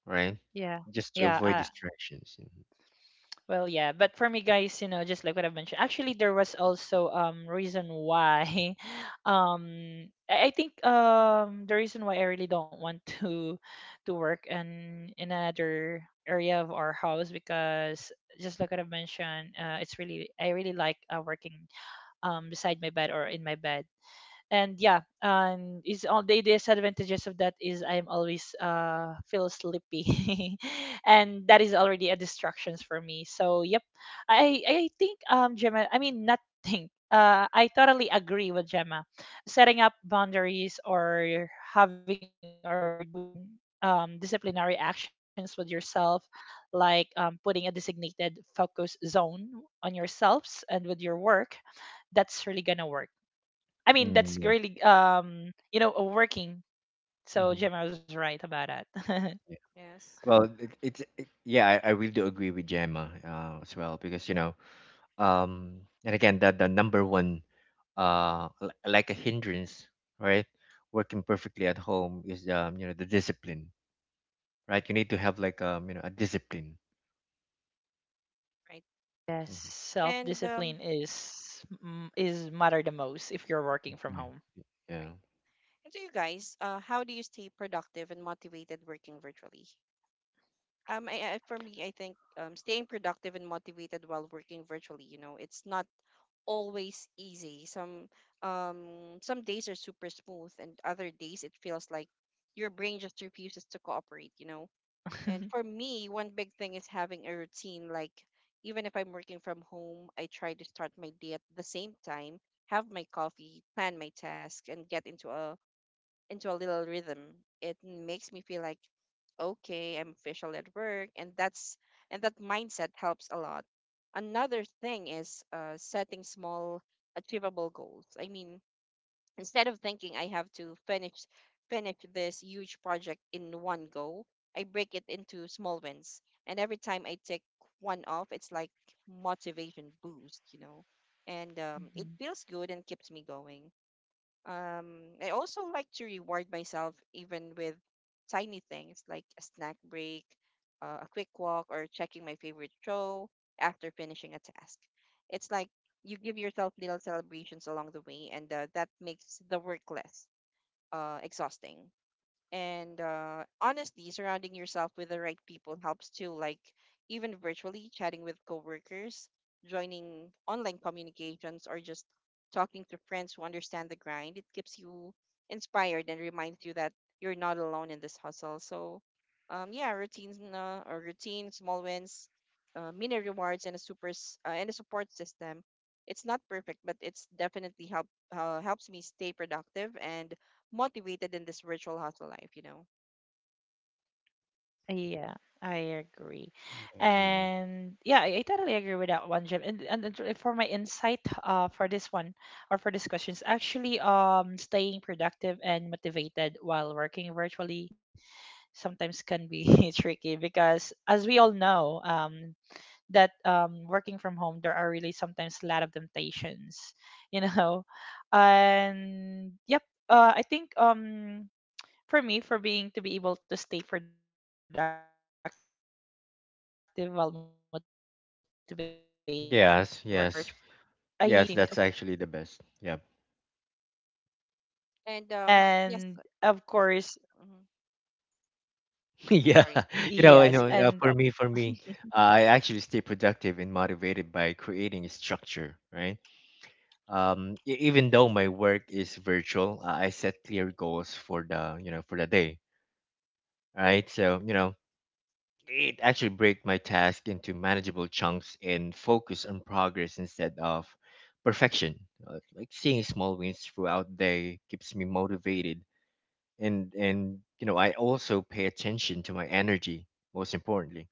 Speaker 2: right?
Speaker 3: yeah,
Speaker 2: Just to
Speaker 3: yeah.
Speaker 2: avoid distractions. Mhm.
Speaker 3: Well, yeah, but for me, guys, you know, just like what I've mentioned, actually, there was also reason why, I think the reason why I really don't want to work in another area of our house, because just like what I've mentioned, it's really, I really like working beside my bed or in my bed. And yeah, is all the disadvantages of that is I'm always feel sleepy and that is already a distractions for me, so yep. I think Gemma, I mean not think, I totally agree with Gemma. Setting up boundaries or having or doing disciplinary actions with yourself, like putting a designated focus zone on yourselves and with your work, that's really gonna work. I mean, that's really
Speaker 2: Mm, yeah.
Speaker 3: working. So Gemma
Speaker 2: Hmm.
Speaker 3: was right about that.
Speaker 2: Yeah.
Speaker 1: yes,
Speaker 2: Well, yeah, I really do agree with Gemma as well because you know, and again, that the number one, like a hindrance, right? Working perfectly at home is you know, the discipline, right? You need to have like you know, a discipline.
Speaker 1: right.
Speaker 3: Yes.
Speaker 2: Mhm.
Speaker 3: Self
Speaker 1: And
Speaker 3: discipline is is matter the most if you're working from
Speaker 2: Yeah.
Speaker 3: home.
Speaker 2: Yeah.
Speaker 1: right. And so you guys, how do you stay productive and motivated working virtually? For me, I think staying productive and motivated while working virtually, you know, it's not always easy. Some days are super smooth and other days it feels like your brain just refuses to cooperate, you know. And for me, one big thing is having a routine like even if I'm working from home, I try to start my day at the same time, have my coffee, plan my task and get into a little rhythm. It makes me feel like, okay, I'm officially at work, and that mindset helps a lot. Another thing is setting small, achievable goals. I mean, instead of thinking I have to finish this huge project in one go, I break it into small wins. And every time I take one off, it's like motivation boost, you know. And It feels
Speaker 3: Mhm.
Speaker 1: good and keeps me going. I also like to reward myself even with tiny things like a snack break, a quick walk, or checking my favorite show after finishing a task. It's like you give yourself little celebrations along the way, and that makes the work less exhausting. And Honestly, surrounding yourself with the right people helps too, like even virtually chatting with coworkers, joining online communications, or just talking to friends who understand the grind. It keeps you inspired and reminds you that you're not alone in this hustle. So, yeah, routine, small wins, mini rewards, and a support system. It's not perfect, but it's definitely helps me stay productive and motivated in this virtual hustle life, you know.
Speaker 3: Yeah, I agree.
Speaker 2: Yeah, I agree.
Speaker 3: And yeah, I totally agree with that one, Jim. And for my insight for this one or for this question, is actually, staying productive and motivated while working virtually sometimes can be tricky because, as we all know, that working from home, there are really sometimes a lot of temptations. You know, and yep, I think, for me, for being to be able to stay productive while motivated working virtually, I used to set a
Speaker 2: Yes.
Speaker 3: clear
Speaker 2: Yes.
Speaker 3: routine to myself
Speaker 2: Yes. That's actually the
Speaker 1: Like,
Speaker 2: best. Yeah.
Speaker 3: that. Mhm.
Speaker 1: And yes,
Speaker 3: And of course.
Speaker 1: mhm,
Speaker 2: Yeah,
Speaker 1: sorry,
Speaker 2: you know, you
Speaker 3: Yes,
Speaker 2: know.
Speaker 1: Arjun.
Speaker 2: Uh,
Speaker 3: and
Speaker 2: for me, for me, uh, I actually stay productive and motivated by creating a structure, right? Even though my work is virtual, I set clear goals for the, you know, for the day, right? So, you know, it actually break my task into manageable chunks and focus on progress instead of perfection. Like seeing small wins throughout day keeps me motivated, and you know, I also pay attention to my energy, most importantly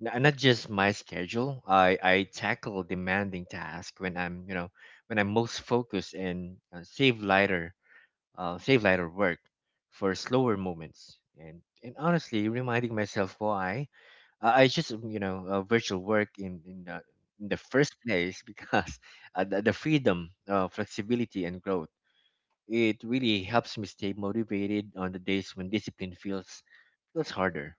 Speaker 2: not just my schedule. I tackle demanding tasks when I'm you know when I'm most focused, and save lighter work for slower moments. And honestly, reminding myself why I just you know virtual work in in the first place, because the freedom, flexibility, and growth. It really helps me stay motivated on the days when discipline feels harder.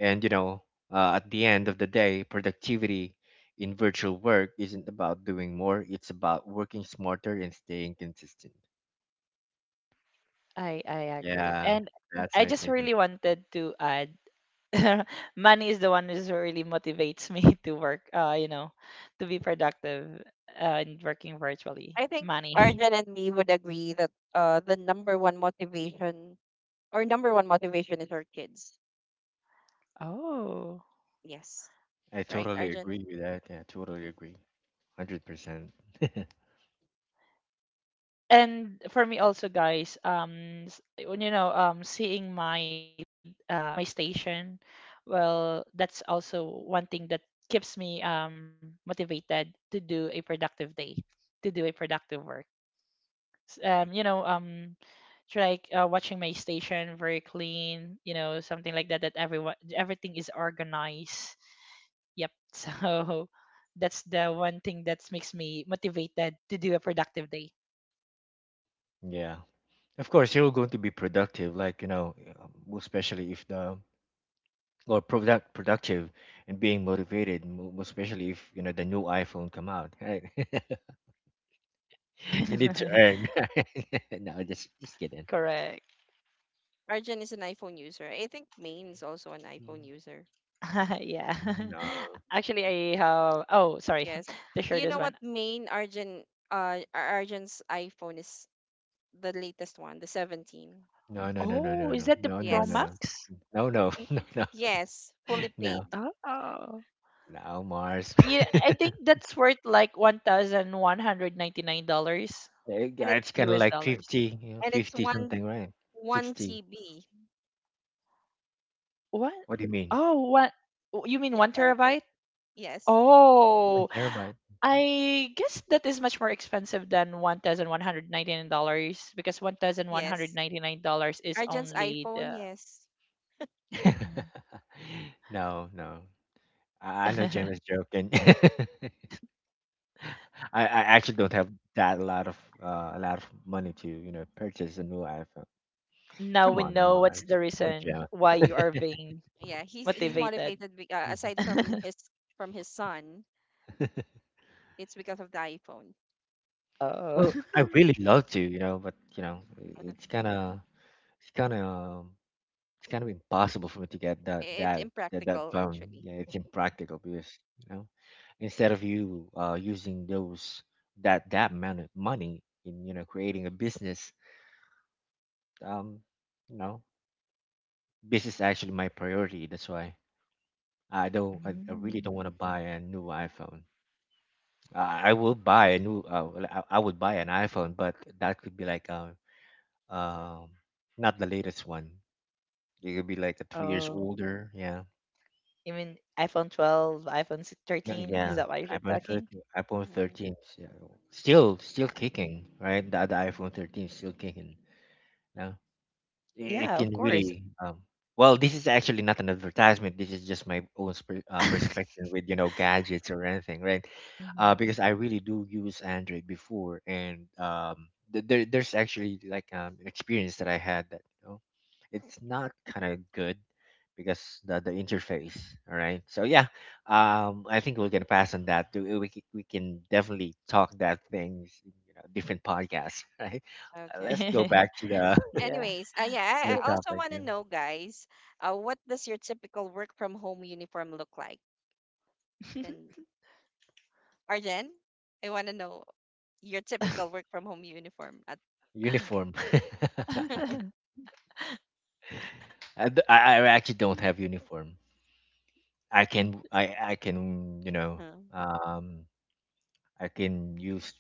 Speaker 2: And you know, at the end of the day, productivity in virtual work isn't about doing more; it's about working smarter and staying consistent.
Speaker 3: I agree.
Speaker 2: Yeah,
Speaker 3: And
Speaker 2: that's
Speaker 3: I
Speaker 2: my
Speaker 3: just
Speaker 2: take.
Speaker 3: really wanted to add money is the one who's really motivates me to work, to be productive in working virtually.
Speaker 1: I think
Speaker 3: Money.
Speaker 1: Arjun and me would agree that the number one motivation or number one motivation is our kids.
Speaker 3: Oh.
Speaker 1: Yes,
Speaker 2: I
Speaker 1: right,
Speaker 2: totally
Speaker 1: Arjun.
Speaker 2: agree with that. Yeah, totally
Speaker 1: Mhm.
Speaker 2: agree. 100%.
Speaker 3: And for me also, guys, when you know, seeing my my station, well, that's also one thing that keeps me motivated to do a productive day, to do a productive work. You know, it's like, watching my station very clean, you know, something like that, that everyone everything is organized. Yep. So that's the one thing that makes me motivated to do a productive day.
Speaker 2: Yeah. Of course, you're going to be productive, like, you know, especially if the, or productive and being motivated, especially if, you know, the new iPhone come out, right? You need to earn. No, just kidding.
Speaker 3: Correct.
Speaker 1: Arjun is an iPhone user. I think Maine is also an iPhone user.
Speaker 3: Yeah.
Speaker 2: No.
Speaker 3: Actually, I have. Oh, sorry.
Speaker 1: Yes,
Speaker 3: The
Speaker 1: you know
Speaker 3: shortest
Speaker 1: what,
Speaker 3: one.
Speaker 1: Maine Arjun, Arjun's iPhone is the latest one, the 17.
Speaker 2: No, no, no, no,
Speaker 3: Oh,
Speaker 2: no,
Speaker 3: is
Speaker 2: no.
Speaker 3: that the
Speaker 2: No, no,
Speaker 3: Pro
Speaker 2: no,
Speaker 1: Yes,
Speaker 2: no.
Speaker 3: Max?
Speaker 2: No, no, no, no,
Speaker 1: yes, fully
Speaker 2: no.
Speaker 1: paid,
Speaker 3: Oh.
Speaker 2: No, Mars.
Speaker 3: Yeah, I think that's worth like $1,199
Speaker 2: Eh,
Speaker 1: and
Speaker 2: yeah,
Speaker 1: it
Speaker 2: it's kind of
Speaker 3: US dollars. U S
Speaker 2: like
Speaker 3: dollars.
Speaker 2: 50, you know,
Speaker 1: and it's
Speaker 2: 50
Speaker 1: one
Speaker 2: something, right?
Speaker 1: 1
Speaker 2: 60.
Speaker 1: TB
Speaker 3: What?
Speaker 2: What do you mean?
Speaker 3: Oh, what? Oh, you mean
Speaker 1: yeah,
Speaker 3: one
Speaker 1: terabyte.
Speaker 3: terabyte?
Speaker 1: Yes.
Speaker 2: One
Speaker 3: Oh,
Speaker 2: terabyte.
Speaker 3: I guess that is much more expensive than $1,199, because
Speaker 1: Yes.
Speaker 3: $1,199 is
Speaker 1: Arjun's
Speaker 3: only
Speaker 1: iPhone,
Speaker 3: the.
Speaker 1: yes.
Speaker 3: Mm-hmm.
Speaker 2: No, no. I know James joking. I actually don't have that lot of a lot of money to, you know, purchase a new iPhone.
Speaker 3: Now
Speaker 2: Come
Speaker 3: we
Speaker 2: on,
Speaker 3: know what's
Speaker 2: Mars.
Speaker 3: the
Speaker 1: Mhm.
Speaker 2: Come on,
Speaker 3: reason
Speaker 2: James.
Speaker 3: why you are being
Speaker 1: Yeah, he's he's
Speaker 3: motivated.
Speaker 1: motivated be- uh, aside from his son, it's because of the iPhone.
Speaker 3: Oh.
Speaker 2: Well, I really love to, you know, but you know, it's kind of It's kind of it's kind of impossible for me to get
Speaker 1: It's
Speaker 2: that
Speaker 1: impractical
Speaker 2: phone.
Speaker 1: actually.
Speaker 2: Yeah, it's impractical because you know instead of you using those that that amount of money in you know creating a business, um, you know, business is actually my priority. That's why I really
Speaker 3: Mm.
Speaker 2: don't want to buy a new iPhone. I will buy a new I would buy an iPhone, but that could be like um not the latest one. It could be like a 3 years
Speaker 3: Oh.
Speaker 2: older. Yeah.
Speaker 3: You mean iPhone 12, iPhone
Speaker 2: Yeah,
Speaker 3: 13?
Speaker 2: yeah,
Speaker 3: Is that why you're
Speaker 2: iPhone
Speaker 3: talking?
Speaker 2: 13, iPhone
Speaker 1: Hmm
Speaker 2: 13, yeah, still
Speaker 3: Uh,
Speaker 2: kicking, right? The iPhone 13 is still kicking. Yeah, it
Speaker 3: Yeah, of
Speaker 2: can
Speaker 3: course.
Speaker 2: really well this is actually not an advertisement. This is just my own perspective with gadgets or anything, right?
Speaker 3: Mhm.
Speaker 2: Because I really do use Android before, and there's actually like an experience that I had that it's not kind of good because the interface. All right, so yeah, I think we're gonna pass on that too. We can definitely talk that things in, you know, different podcasts. Right. Let's
Speaker 1: Okay.
Speaker 2: go back to the
Speaker 3: Yeah.
Speaker 1: Anyways, yeah, I also
Speaker 2: topic,
Speaker 1: want to
Speaker 2: yeah.
Speaker 1: know, guys, what does your typical work from home uniform look like? Then Arjen, I want to know your typical work from home uniform. At
Speaker 2: Uniform. I actually don't have uniform. I can you know,
Speaker 1: uh,
Speaker 2: um I can use,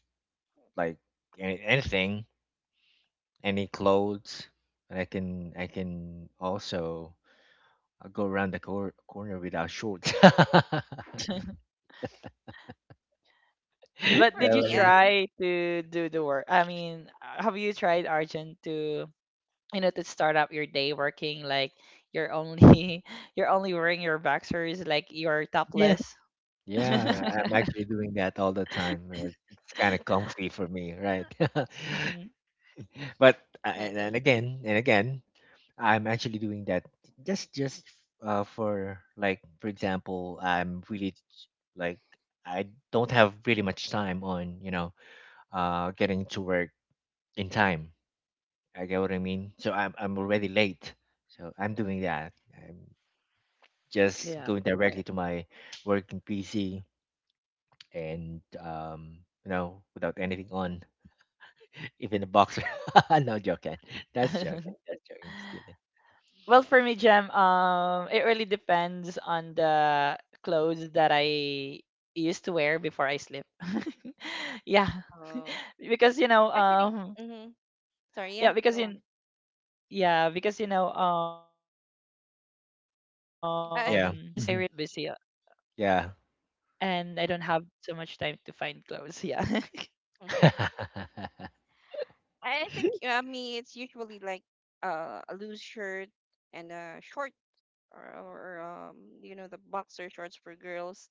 Speaker 2: like, anything, any clothes, and I can also go around the corner without shorts.
Speaker 1: I think
Speaker 3: But
Speaker 1: for
Speaker 3: did
Speaker 2: Yeah,
Speaker 3: you
Speaker 1: me,
Speaker 2: what I mean?
Speaker 3: try to do the work? I mean, have you tried, Argent, to you know, to start up your day working, like you're only you're only wearing your boxers, like you're
Speaker 2: Yeah,
Speaker 3: topless?
Speaker 2: yeah, I'm actually doing that all the time. It's kind of comfy for me, right?
Speaker 3: Mhm.
Speaker 2: But a- and,
Speaker 1: and,
Speaker 2: and again and again, I'm actually doing that just for like, for example, I'm really like, I don't have really much time on, you know, getting to work in time. I get what I mean. So I'm already late. So I'm doing that. I'm just
Speaker 3: Yeah.
Speaker 2: going directly to my working PC and you know, without anything on. Even a boxer. No joking. That's joking. That's joking. Just kidding.
Speaker 3: Well, for me, Gem, it really depends on the clothes that I used to wear before I sleep. Yeah.
Speaker 1: Oh,
Speaker 3: Because you know,
Speaker 1: actually, mm-hmm. Sorry, yeah,
Speaker 3: yeah, because
Speaker 1: go on.
Speaker 3: in yeah, because you know, sometimes I really get
Speaker 1: I
Speaker 2: Yeah.
Speaker 1: think,
Speaker 3: busy,
Speaker 2: Hmm.
Speaker 3: and I
Speaker 2: Yeah.
Speaker 3: don't have so much time to find clothes, yeah.
Speaker 1: mm-hmm. I think, Me, it's usually like a loose shirt and a short or you know, the boxer shorts for girls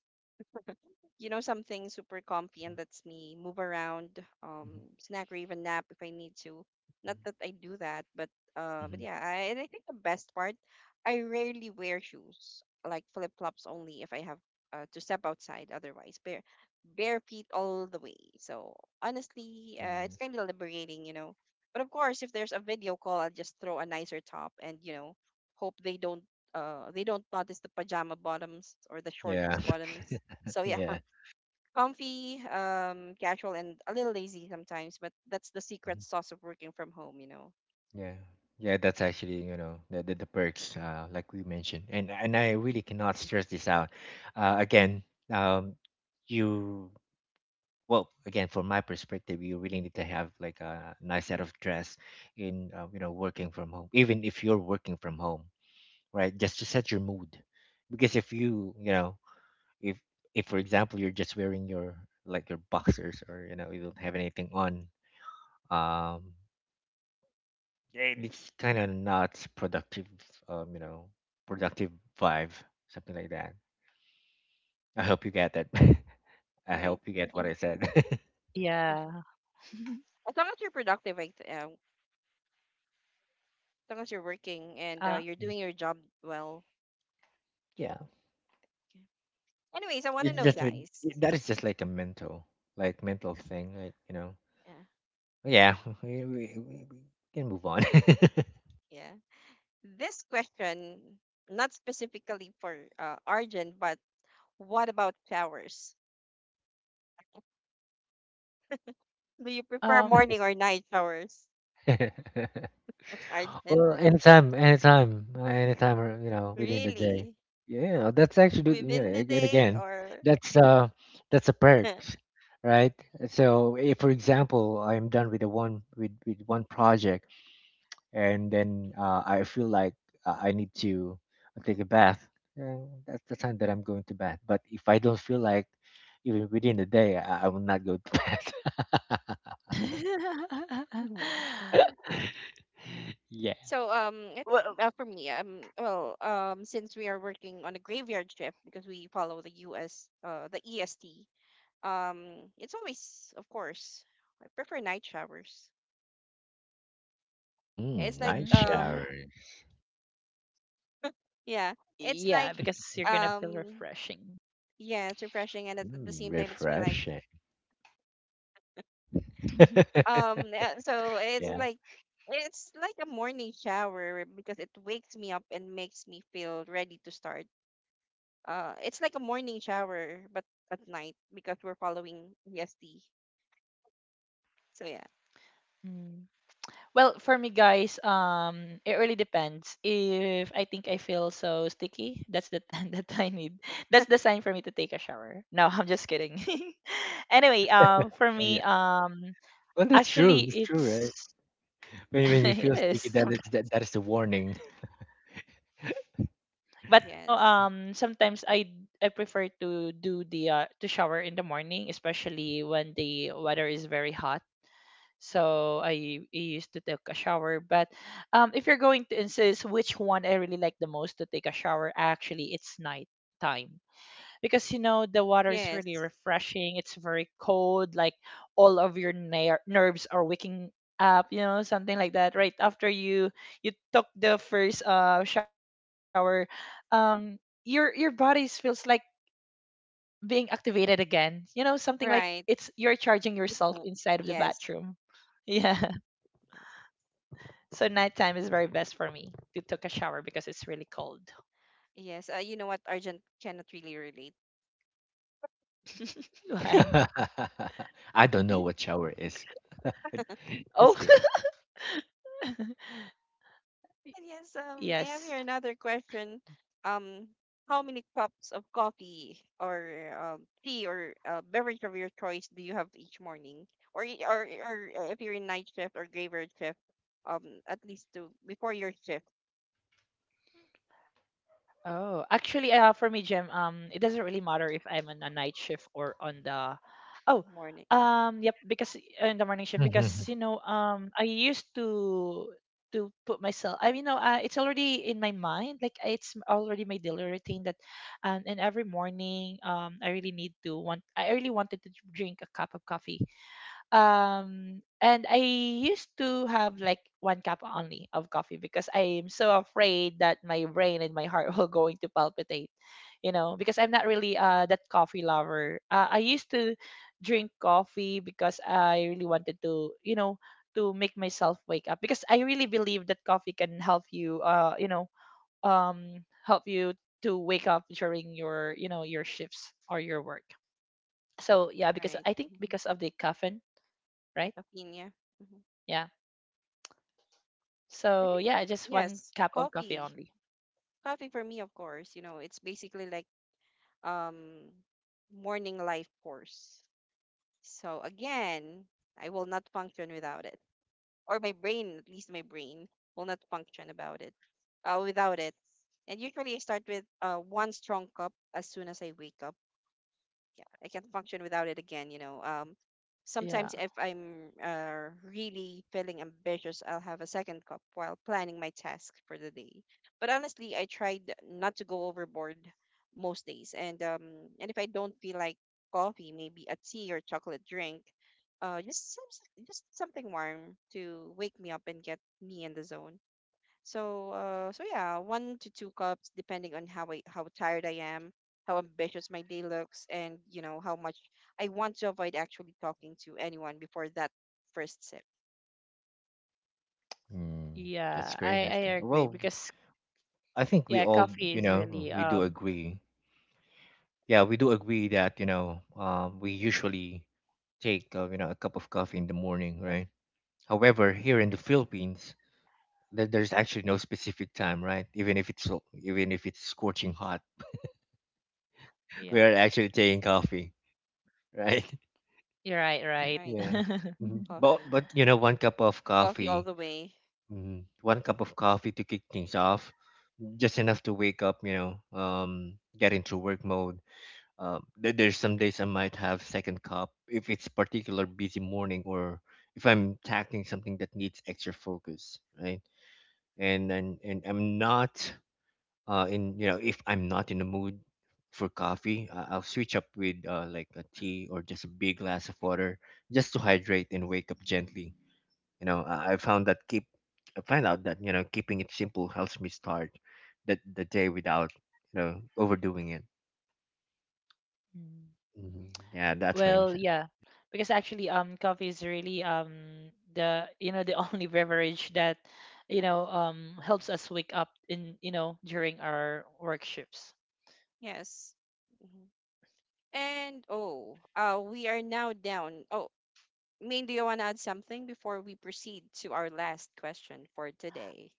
Speaker 1: you know, something super comfy and lets me move around,
Speaker 2: Mhm.
Speaker 1: snack or even nap if I need to. Not that I do that, but
Speaker 2: Mhm.
Speaker 1: yeah, and I think the best part, I rarely wear shoes, like flip flops only if I have to step outside. Otherwise, bare feet all the way. So honestly,
Speaker 2: Mhm.
Speaker 1: it's kind of liberating, you know. But of course, if there's a video call, I'll just throw a nicer top and you know, hope they don't notice the pajama bottoms or the shorts
Speaker 2: Yeah.
Speaker 1: bottoms. So yeah,
Speaker 2: Yeah.
Speaker 1: comfy, casual, and a little lazy sometimes, but that's the secret
Speaker 2: Mhm.
Speaker 1: sauce of working from home, you know,
Speaker 2: Yeah. Yeah, that's actually, you know, the perks, like we mentioned. And I really cannot stress this out. Again, um, you, well, again, from my perspective, you really need to have like a nice set of dress in, you know, working from home, even if you're working from home, right, just to set your mood. Because if you, you know, if if for example, you're just wearing your, like, your boxers, or you know, you don't have anything on, um it's kind of not productive, you know, productive vibe, something like that. I hope you get that. I
Speaker 1: right?
Speaker 2: hope you get what I said.
Speaker 3: Yeah.
Speaker 1: As long as you're productive, as long as you're working
Speaker 3: Uh,
Speaker 1: and you're doing your job well.
Speaker 2: Yeah.
Speaker 1: Okay. Anyways, I want to
Speaker 2: It's
Speaker 1: know,
Speaker 2: just
Speaker 1: guys.
Speaker 2: that is just like a mental, like mental thing, like, you know.
Speaker 1: Yeah,
Speaker 2: Yeah, we can move on.
Speaker 1: yeah. This question, not specifically for Arjun, but what about showers? Do
Speaker 3: um.
Speaker 1: you prefer morning or night showers, Arjun?
Speaker 2: Well, anytime, anytime, anytime, or, you know, within the day.
Speaker 1: Really?
Speaker 2: Yeah, that's actually, you
Speaker 1: Within
Speaker 2: know,
Speaker 1: the
Speaker 2: again,
Speaker 1: day
Speaker 2: again,
Speaker 1: or
Speaker 2: that's uh, that's a perks, right? So, if for example, I'm done with the one with one project, and then I feel like I need to take a bath, then that's the time that I'm going to bath. But if I don't feel like, even within the day, I will not go to bed. Yeah.
Speaker 1: I think
Speaker 3: Well,
Speaker 1: for me, since we are working on a graveyard shift because we follow the U.S. The EST, it's always, of course, I prefer night showers.
Speaker 2: Mm,
Speaker 1: It's like
Speaker 2: night
Speaker 3: mm,
Speaker 2: shower.
Speaker 1: yeah, it's like
Speaker 3: yeah, because you're gonna feel
Speaker 1: um,
Speaker 3: refreshing.
Speaker 1: yeah, it's refreshing and at the
Speaker 2: Mm,
Speaker 1: same time it's feel like
Speaker 2: refreshing.
Speaker 1: yeah,
Speaker 2: Yeah. Yeah.
Speaker 1: it's like a morning shower because it wakes me up and makes me feel ready to start it's like a morning shower, but at night because we're following EST. So yeah,
Speaker 3: Mm. Well, for me, guys, it really depends. If I think I feel so sticky, that's the time that I need. That's the sign for me to take a shower. No, I'm just kidding. Anyway, for me,
Speaker 2: Well, that's true.
Speaker 3: actually,
Speaker 2: That's true, right?
Speaker 3: it's
Speaker 2: When you feel
Speaker 3: it
Speaker 2: sleepy,
Speaker 3: is
Speaker 2: that is that,
Speaker 3: sometimes
Speaker 2: that is the warning.
Speaker 3: correct, but you know,
Speaker 1: yes,
Speaker 3: sometimes I prefer to do the to shower in the morning, especially when the weather is very hot. So I used to take a shower. But if you're going to insist which one I really like the most to take a shower, actually, it's night time because you know, the water is really
Speaker 1: yes,
Speaker 3: refreshing. It's very cold, like all of your nerves are waking up. You know, something like that. Right after you took the first shower, um, your body feels like being activated again. You know, something like it's you're
Speaker 1: right.
Speaker 3: charging yourself inside
Speaker 1: It
Speaker 3: of the
Speaker 1: will.
Speaker 3: bathroom.
Speaker 1: Yes,
Speaker 3: Yeah.
Speaker 1: yes,
Speaker 3: So nighttime is very best for me to take a shower because it's really cold.
Speaker 1: yes. You know what? Argent cannot really relate.
Speaker 3: Why?
Speaker 2: I don't know what shower is.
Speaker 3: Oh,
Speaker 2: Just kidding.
Speaker 1: And yes. I have here
Speaker 3: yes.
Speaker 1: another question. Um, how many cups of coffee or tea or beverage of your choice do you have each morning? Or, y- or or if you're in night shift or graveyard shift, at least to before your shift
Speaker 3: Oh, actually, for me, Jim, it doesn't really matter if I'm on a night shift or on the. Oh,
Speaker 1: morning,
Speaker 3: yep, because in the morning shift, because you know, I used to put myself. I mean, no, it's already in my mind. Like it's already my daily routine that, and every morning, I really need to want. I really wanted to drink a cup of coffee. And I used to have like one cup only of coffee, because I am so afraid that my brain and my heart will going to palpitate, you know, because I'm not really that coffee lover. I used to drink coffee because I really wanted to, you know, to make myself wake up, because I really believe that coffee can help you, you know help you to wake up during your, you know, your shifts or your work. So yeah, because
Speaker 1: right?
Speaker 3: I think
Speaker 1: Mm-hmm.
Speaker 3: because of the caffeine, right.
Speaker 1: Opinion. Hmm
Speaker 3: Yeah.
Speaker 1: I
Speaker 3: So
Speaker 1: think
Speaker 3: yeah, just one
Speaker 1: yes,
Speaker 3: cup of coffee
Speaker 1: coffee.
Speaker 3: only.
Speaker 1: Coffee for me, of course. You know, it's basically like um morning life force. So again, I will not function without it, or my brain, at least my brain, will not function about it, without it. And usually, I start with one strong cup as soon as I wake up. Yeah, I can't function without it again, you know.
Speaker 3: Yeah.
Speaker 1: Sometimes if I'm really feeling ambitious, I'll have a second cup while planning my task for the day. But honestly, I tried not to go overboard most days, and if I don't feel like coffee, maybe a tea or chocolate drink, uh, just some, just something warm to wake me up and get me in the zone. So yeah, one to two cups depending on how tired I am, how ambitious my day looks, and you know how much I want to avoid actually talking to anyone before that first sip.
Speaker 2: Mm, that's
Speaker 3: Yeah,
Speaker 2: great. That's
Speaker 3: I
Speaker 2: great.
Speaker 3: agree
Speaker 2: Well,
Speaker 3: because
Speaker 2: I think we
Speaker 3: yeah,
Speaker 2: all,
Speaker 3: coffee
Speaker 2: you
Speaker 3: is
Speaker 2: know,
Speaker 3: really
Speaker 2: we do agree. Yeah, we do agree that, you know, we usually take, you know, a cup of coffee in the morning, right? However, here in the Philippines, there's actually no specific time, right? Even if it's even if it's scorching hot,
Speaker 3: yeah.
Speaker 2: we are actually taking coffee, right?
Speaker 3: You're right, right.
Speaker 1: Right,
Speaker 2: Yeah. Mhm.
Speaker 1: coffee,
Speaker 2: But you know, one cup of
Speaker 1: coffee all
Speaker 2: coffee,
Speaker 1: the way.
Speaker 2: mhm, one cup of coffee to kick things off, just enough to wake up, you know, get into work mode. There's some days I might have second cup if it's particular busy morning, or if I'm tackling something that needs extra focus, right? And I'm not in, you know, if I'm not in the mood for coffee, I'll switch up with like a tea or just a big glass of water, just to hydrate and wake up gently. You know, I found that keep, I find out that, you know, keeping it simple helps me start the day without, you know, overdoing it.
Speaker 3: Mm.
Speaker 2: Hmm. Yeah, that's my
Speaker 3: Well,
Speaker 2: insight.
Speaker 3: yeah. Because actually, coffee is really the you know, the only beverage that you know, helps us wake up in, you know, during our work shifts.
Speaker 1: Yes. Mhm. And oh, we are now down. Oh, Maine, do you want to add something before we proceed to our last question for today?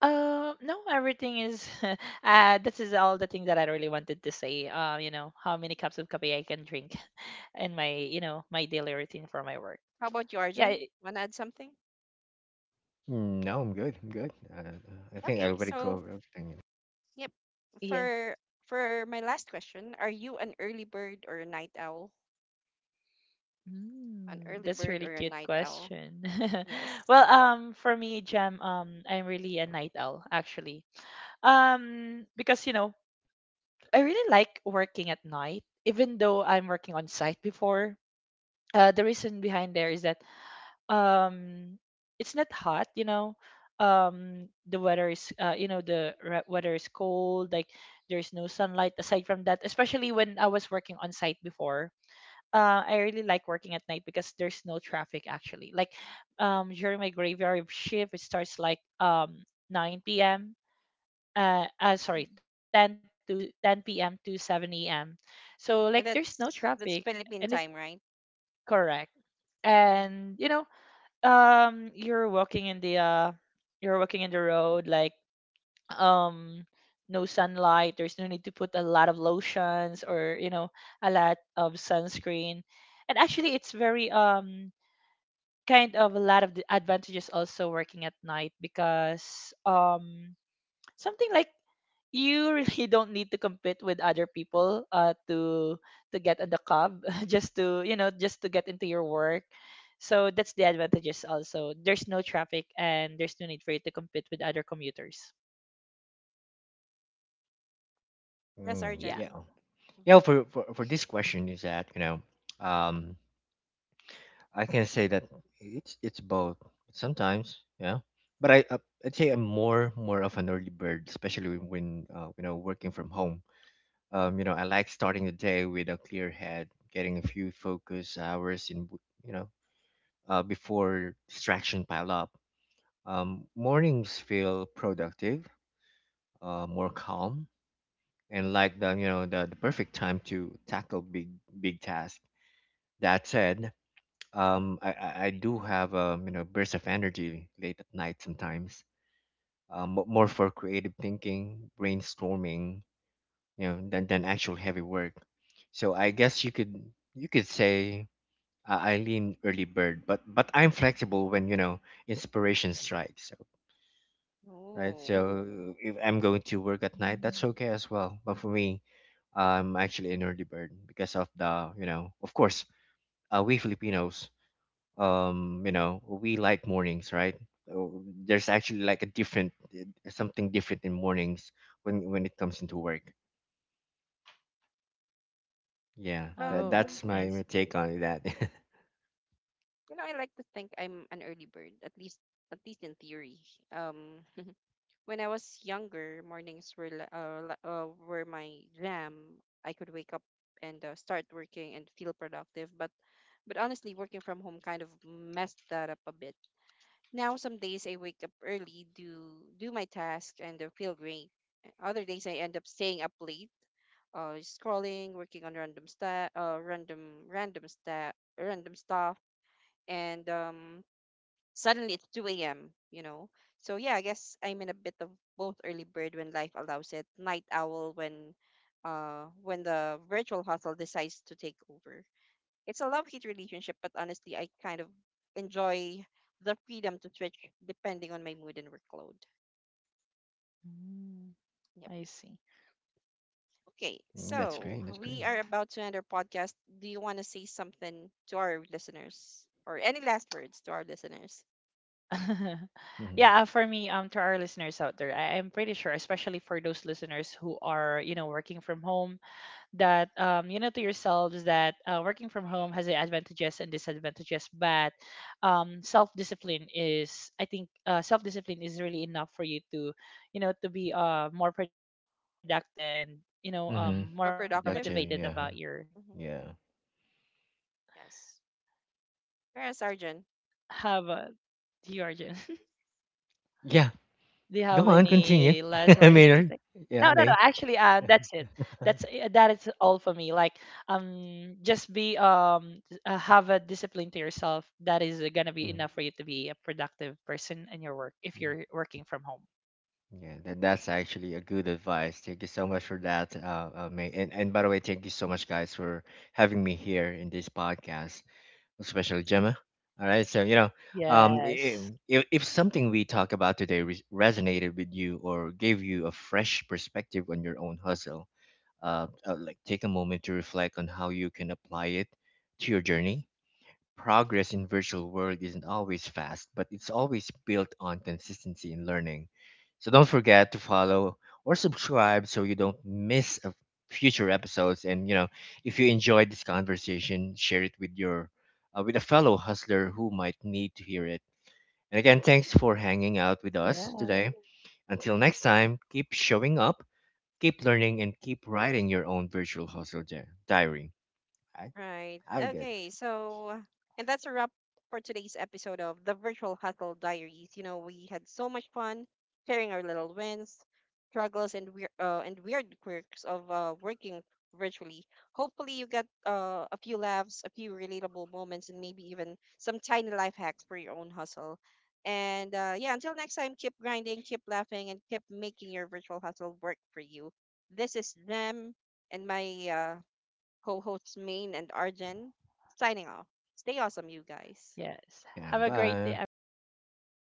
Speaker 3: No, everything is this is all the thing that I really wanted to say. You know, how many cups of coffee I can drink in my, you know, my daily routine for my work.
Speaker 1: How about you,
Speaker 3: Yeah,
Speaker 1: Arjun?
Speaker 3: it-
Speaker 1: Want to add something?
Speaker 2: Mm, no, I'm good. I'm good. I think I
Speaker 1: Okay,
Speaker 2: already
Speaker 1: so
Speaker 2: covered everything.
Speaker 1: Yep.
Speaker 3: yeah.
Speaker 1: For for my last question, are you an early bird or a night owl? An
Speaker 3: Mm,
Speaker 1: early
Speaker 3: that's
Speaker 1: bird
Speaker 3: really
Speaker 1: or a
Speaker 3: cute
Speaker 1: night owl?
Speaker 3: question.
Speaker 1: Yes.
Speaker 3: Well, for me, Jam, I'm really a night owl actually. Because, you know, I really like working at night, even though I'm working on site before. The reason behind there is that um it's not hot, you know, the weather is, weather is cold, like there's no sunlight. Aside from that, especially when I was working on site before, I really like working at night because there's no traffic actually, like during my graveyard shift it starts like 9 p.m. Sorry,
Speaker 1: Mhm.
Speaker 3: 10 to 10 p.m. to 7 a.m. So like
Speaker 1: And
Speaker 3: there's no traffic.
Speaker 1: that's
Speaker 3: And it
Speaker 1: Philippine time, right?
Speaker 3: correct.
Speaker 1: hmm
Speaker 3: And you know, um you're walking in the uh you're walking in the road, like um no sunlight, there's no need to put a lot of lotions or, you know, a lot of sunscreen. And actually it's very kind of a lot of the advantages also working at night, because something like you really don't need to compete with other people, to get on the cub just to, you know, just to get into your work. So that's the advantages, also there's no traffic and there's no need for you to compete with other commuters, yeah.
Speaker 1: Yes,
Speaker 2: Mm,
Speaker 1: Arjun.
Speaker 2: yeah.
Speaker 1: Hmm
Speaker 2: Yeah. For this question is that, you know, um, I can say that it's both sometimes. Yeah. But I, I'd say I'm more of an early bird, especially when, you know, working from home. You know, I like starting the day with a clear head, getting a few focus hours in, you know, before distraction pile up. Mornings feel productive, more calm, and like the, you know, the perfect time to tackle big tasks. That said, um, I do have a, you know, burst of energy late at night sometimes, uh, more for creative thinking, brainstorming, you know, than actual heavy work. So I guess you could, you could say, I lean early bird, but I'm flexible when, you know, inspiration strikes. So, right?
Speaker 1: Oh.
Speaker 2: So if I'm going to
Speaker 3: Mm.
Speaker 2: work at night, that's okay as well. But for me, I'm actually an early bird because of the, you know, of course, we Filipinos, you know, we like mornings, right? So there's actually like a different, something different in mornings when it comes into work. Yeah, that
Speaker 3: Oh,
Speaker 1: Um,
Speaker 2: that's
Speaker 3: I
Speaker 2: my
Speaker 3: see.
Speaker 2: my take on that.
Speaker 1: you know, I like to think I'm an early bird, at least in theory. Um, When I was younger, mornings were li- li- were my jam. I could wake up and start working and feel productive, but honestly, working from home kind of messed that up a bit. Now some days I wake up early, do my task, and feel great. Other days I end up staying up late, scrolling, working on random sta random random sta random stuff, and suddenly it's 2 a.m., you know. So yeah, I guess I'm in a bit of both early bird when life allows it, night owl when the virtual hustle decides to take over. It's a love-hate relationship, but honestly, I kind of enjoy the freedom to switch depending on my mood and workload.
Speaker 3: Mm,
Speaker 1: Yep.
Speaker 3: I see.
Speaker 1: Okay,
Speaker 2: Mm, that's
Speaker 1: so
Speaker 2: great. That's
Speaker 1: we
Speaker 2: great.
Speaker 1: are about to end our podcast. Do you want to say something to our listeners or any last words to our listeners?
Speaker 2: Hmm.
Speaker 3: Yeah, for me, to our listeners out there, I'm pretty sure, especially for those listeners who are, you know, working from home, that you know to yourselves that working from home has advantages and disadvantages, but self-discipline is, I think self-discipline is really enough for you to, you know, to be more productive and you know,
Speaker 2: Hmm.
Speaker 3: more
Speaker 1: More
Speaker 3: motivated
Speaker 1: productive?
Speaker 3: about
Speaker 2: Productive.
Speaker 1: Hmm
Speaker 3: your,
Speaker 2: Yeah.
Speaker 1: hmm
Speaker 3: correct.
Speaker 2: Yeah.
Speaker 1: Yes. Sarah Sargent.
Speaker 3: How about you, Arjun?
Speaker 2: Yeah.
Speaker 3: Do you have
Speaker 2: Go on.
Speaker 3: any
Speaker 2: Continue.
Speaker 3: last words to
Speaker 2: Maynard.
Speaker 3: say?
Speaker 2: Yeah,
Speaker 3: No, no, no.
Speaker 2: May.
Speaker 3: Actually, that's it. That's that is all for me. Like, just be have a discipline to yourself. That is gonna be
Speaker 2: Mm,
Speaker 3: enough for you to be a productive person in your work if
Speaker 2: mm.
Speaker 3: you're working from home.
Speaker 2: Yeah, that, that's actually a good advice. Thank you so much for that, May. And by the way, thank you so much, guys, for having me here in this podcast, especially Gemma. All right, so you know, um, i-
Speaker 3: Yes.
Speaker 2: if something we talk about today resonated with you or gave you a fresh perspective on your own hustle, like take a moment to reflect on how you can apply it to your journey. Progress in virtual world isn't always fast, but it's always built on consistency in learning. So don't forget to follow or subscribe so you don't miss a future episodes. And you know, if you enjoyed this conversation, share it with your, with a fellow hustler who might need to hear it. And again, thanks for hanging
Speaker 3: Yeah.
Speaker 2: out with us today. Until next time, keep showing up, keep learning, and keep writing your own virtual hustle diary. Alright,
Speaker 1: Right.
Speaker 2: Have a good.
Speaker 1: Okay. So, and that's a wrap for today's episode of the Virtual Hustle Diaries. You know, we had so much fun sharing our little wins, struggles, and weird quirks of working virtually. Hopefully, you got a few laughs, a few relatable moments, and maybe even some tiny life hacks for your own hustle. And Yeah, until next time, keep grinding, keep laughing, and keep making your virtual hustle work for you. This is them and my co hosts Maine and Arjen, signing off. Stay awesome, you guys.
Speaker 3: Yes. Have
Speaker 2: Yeah,
Speaker 3: a great day,
Speaker 2: bye.
Speaker 3: everyone.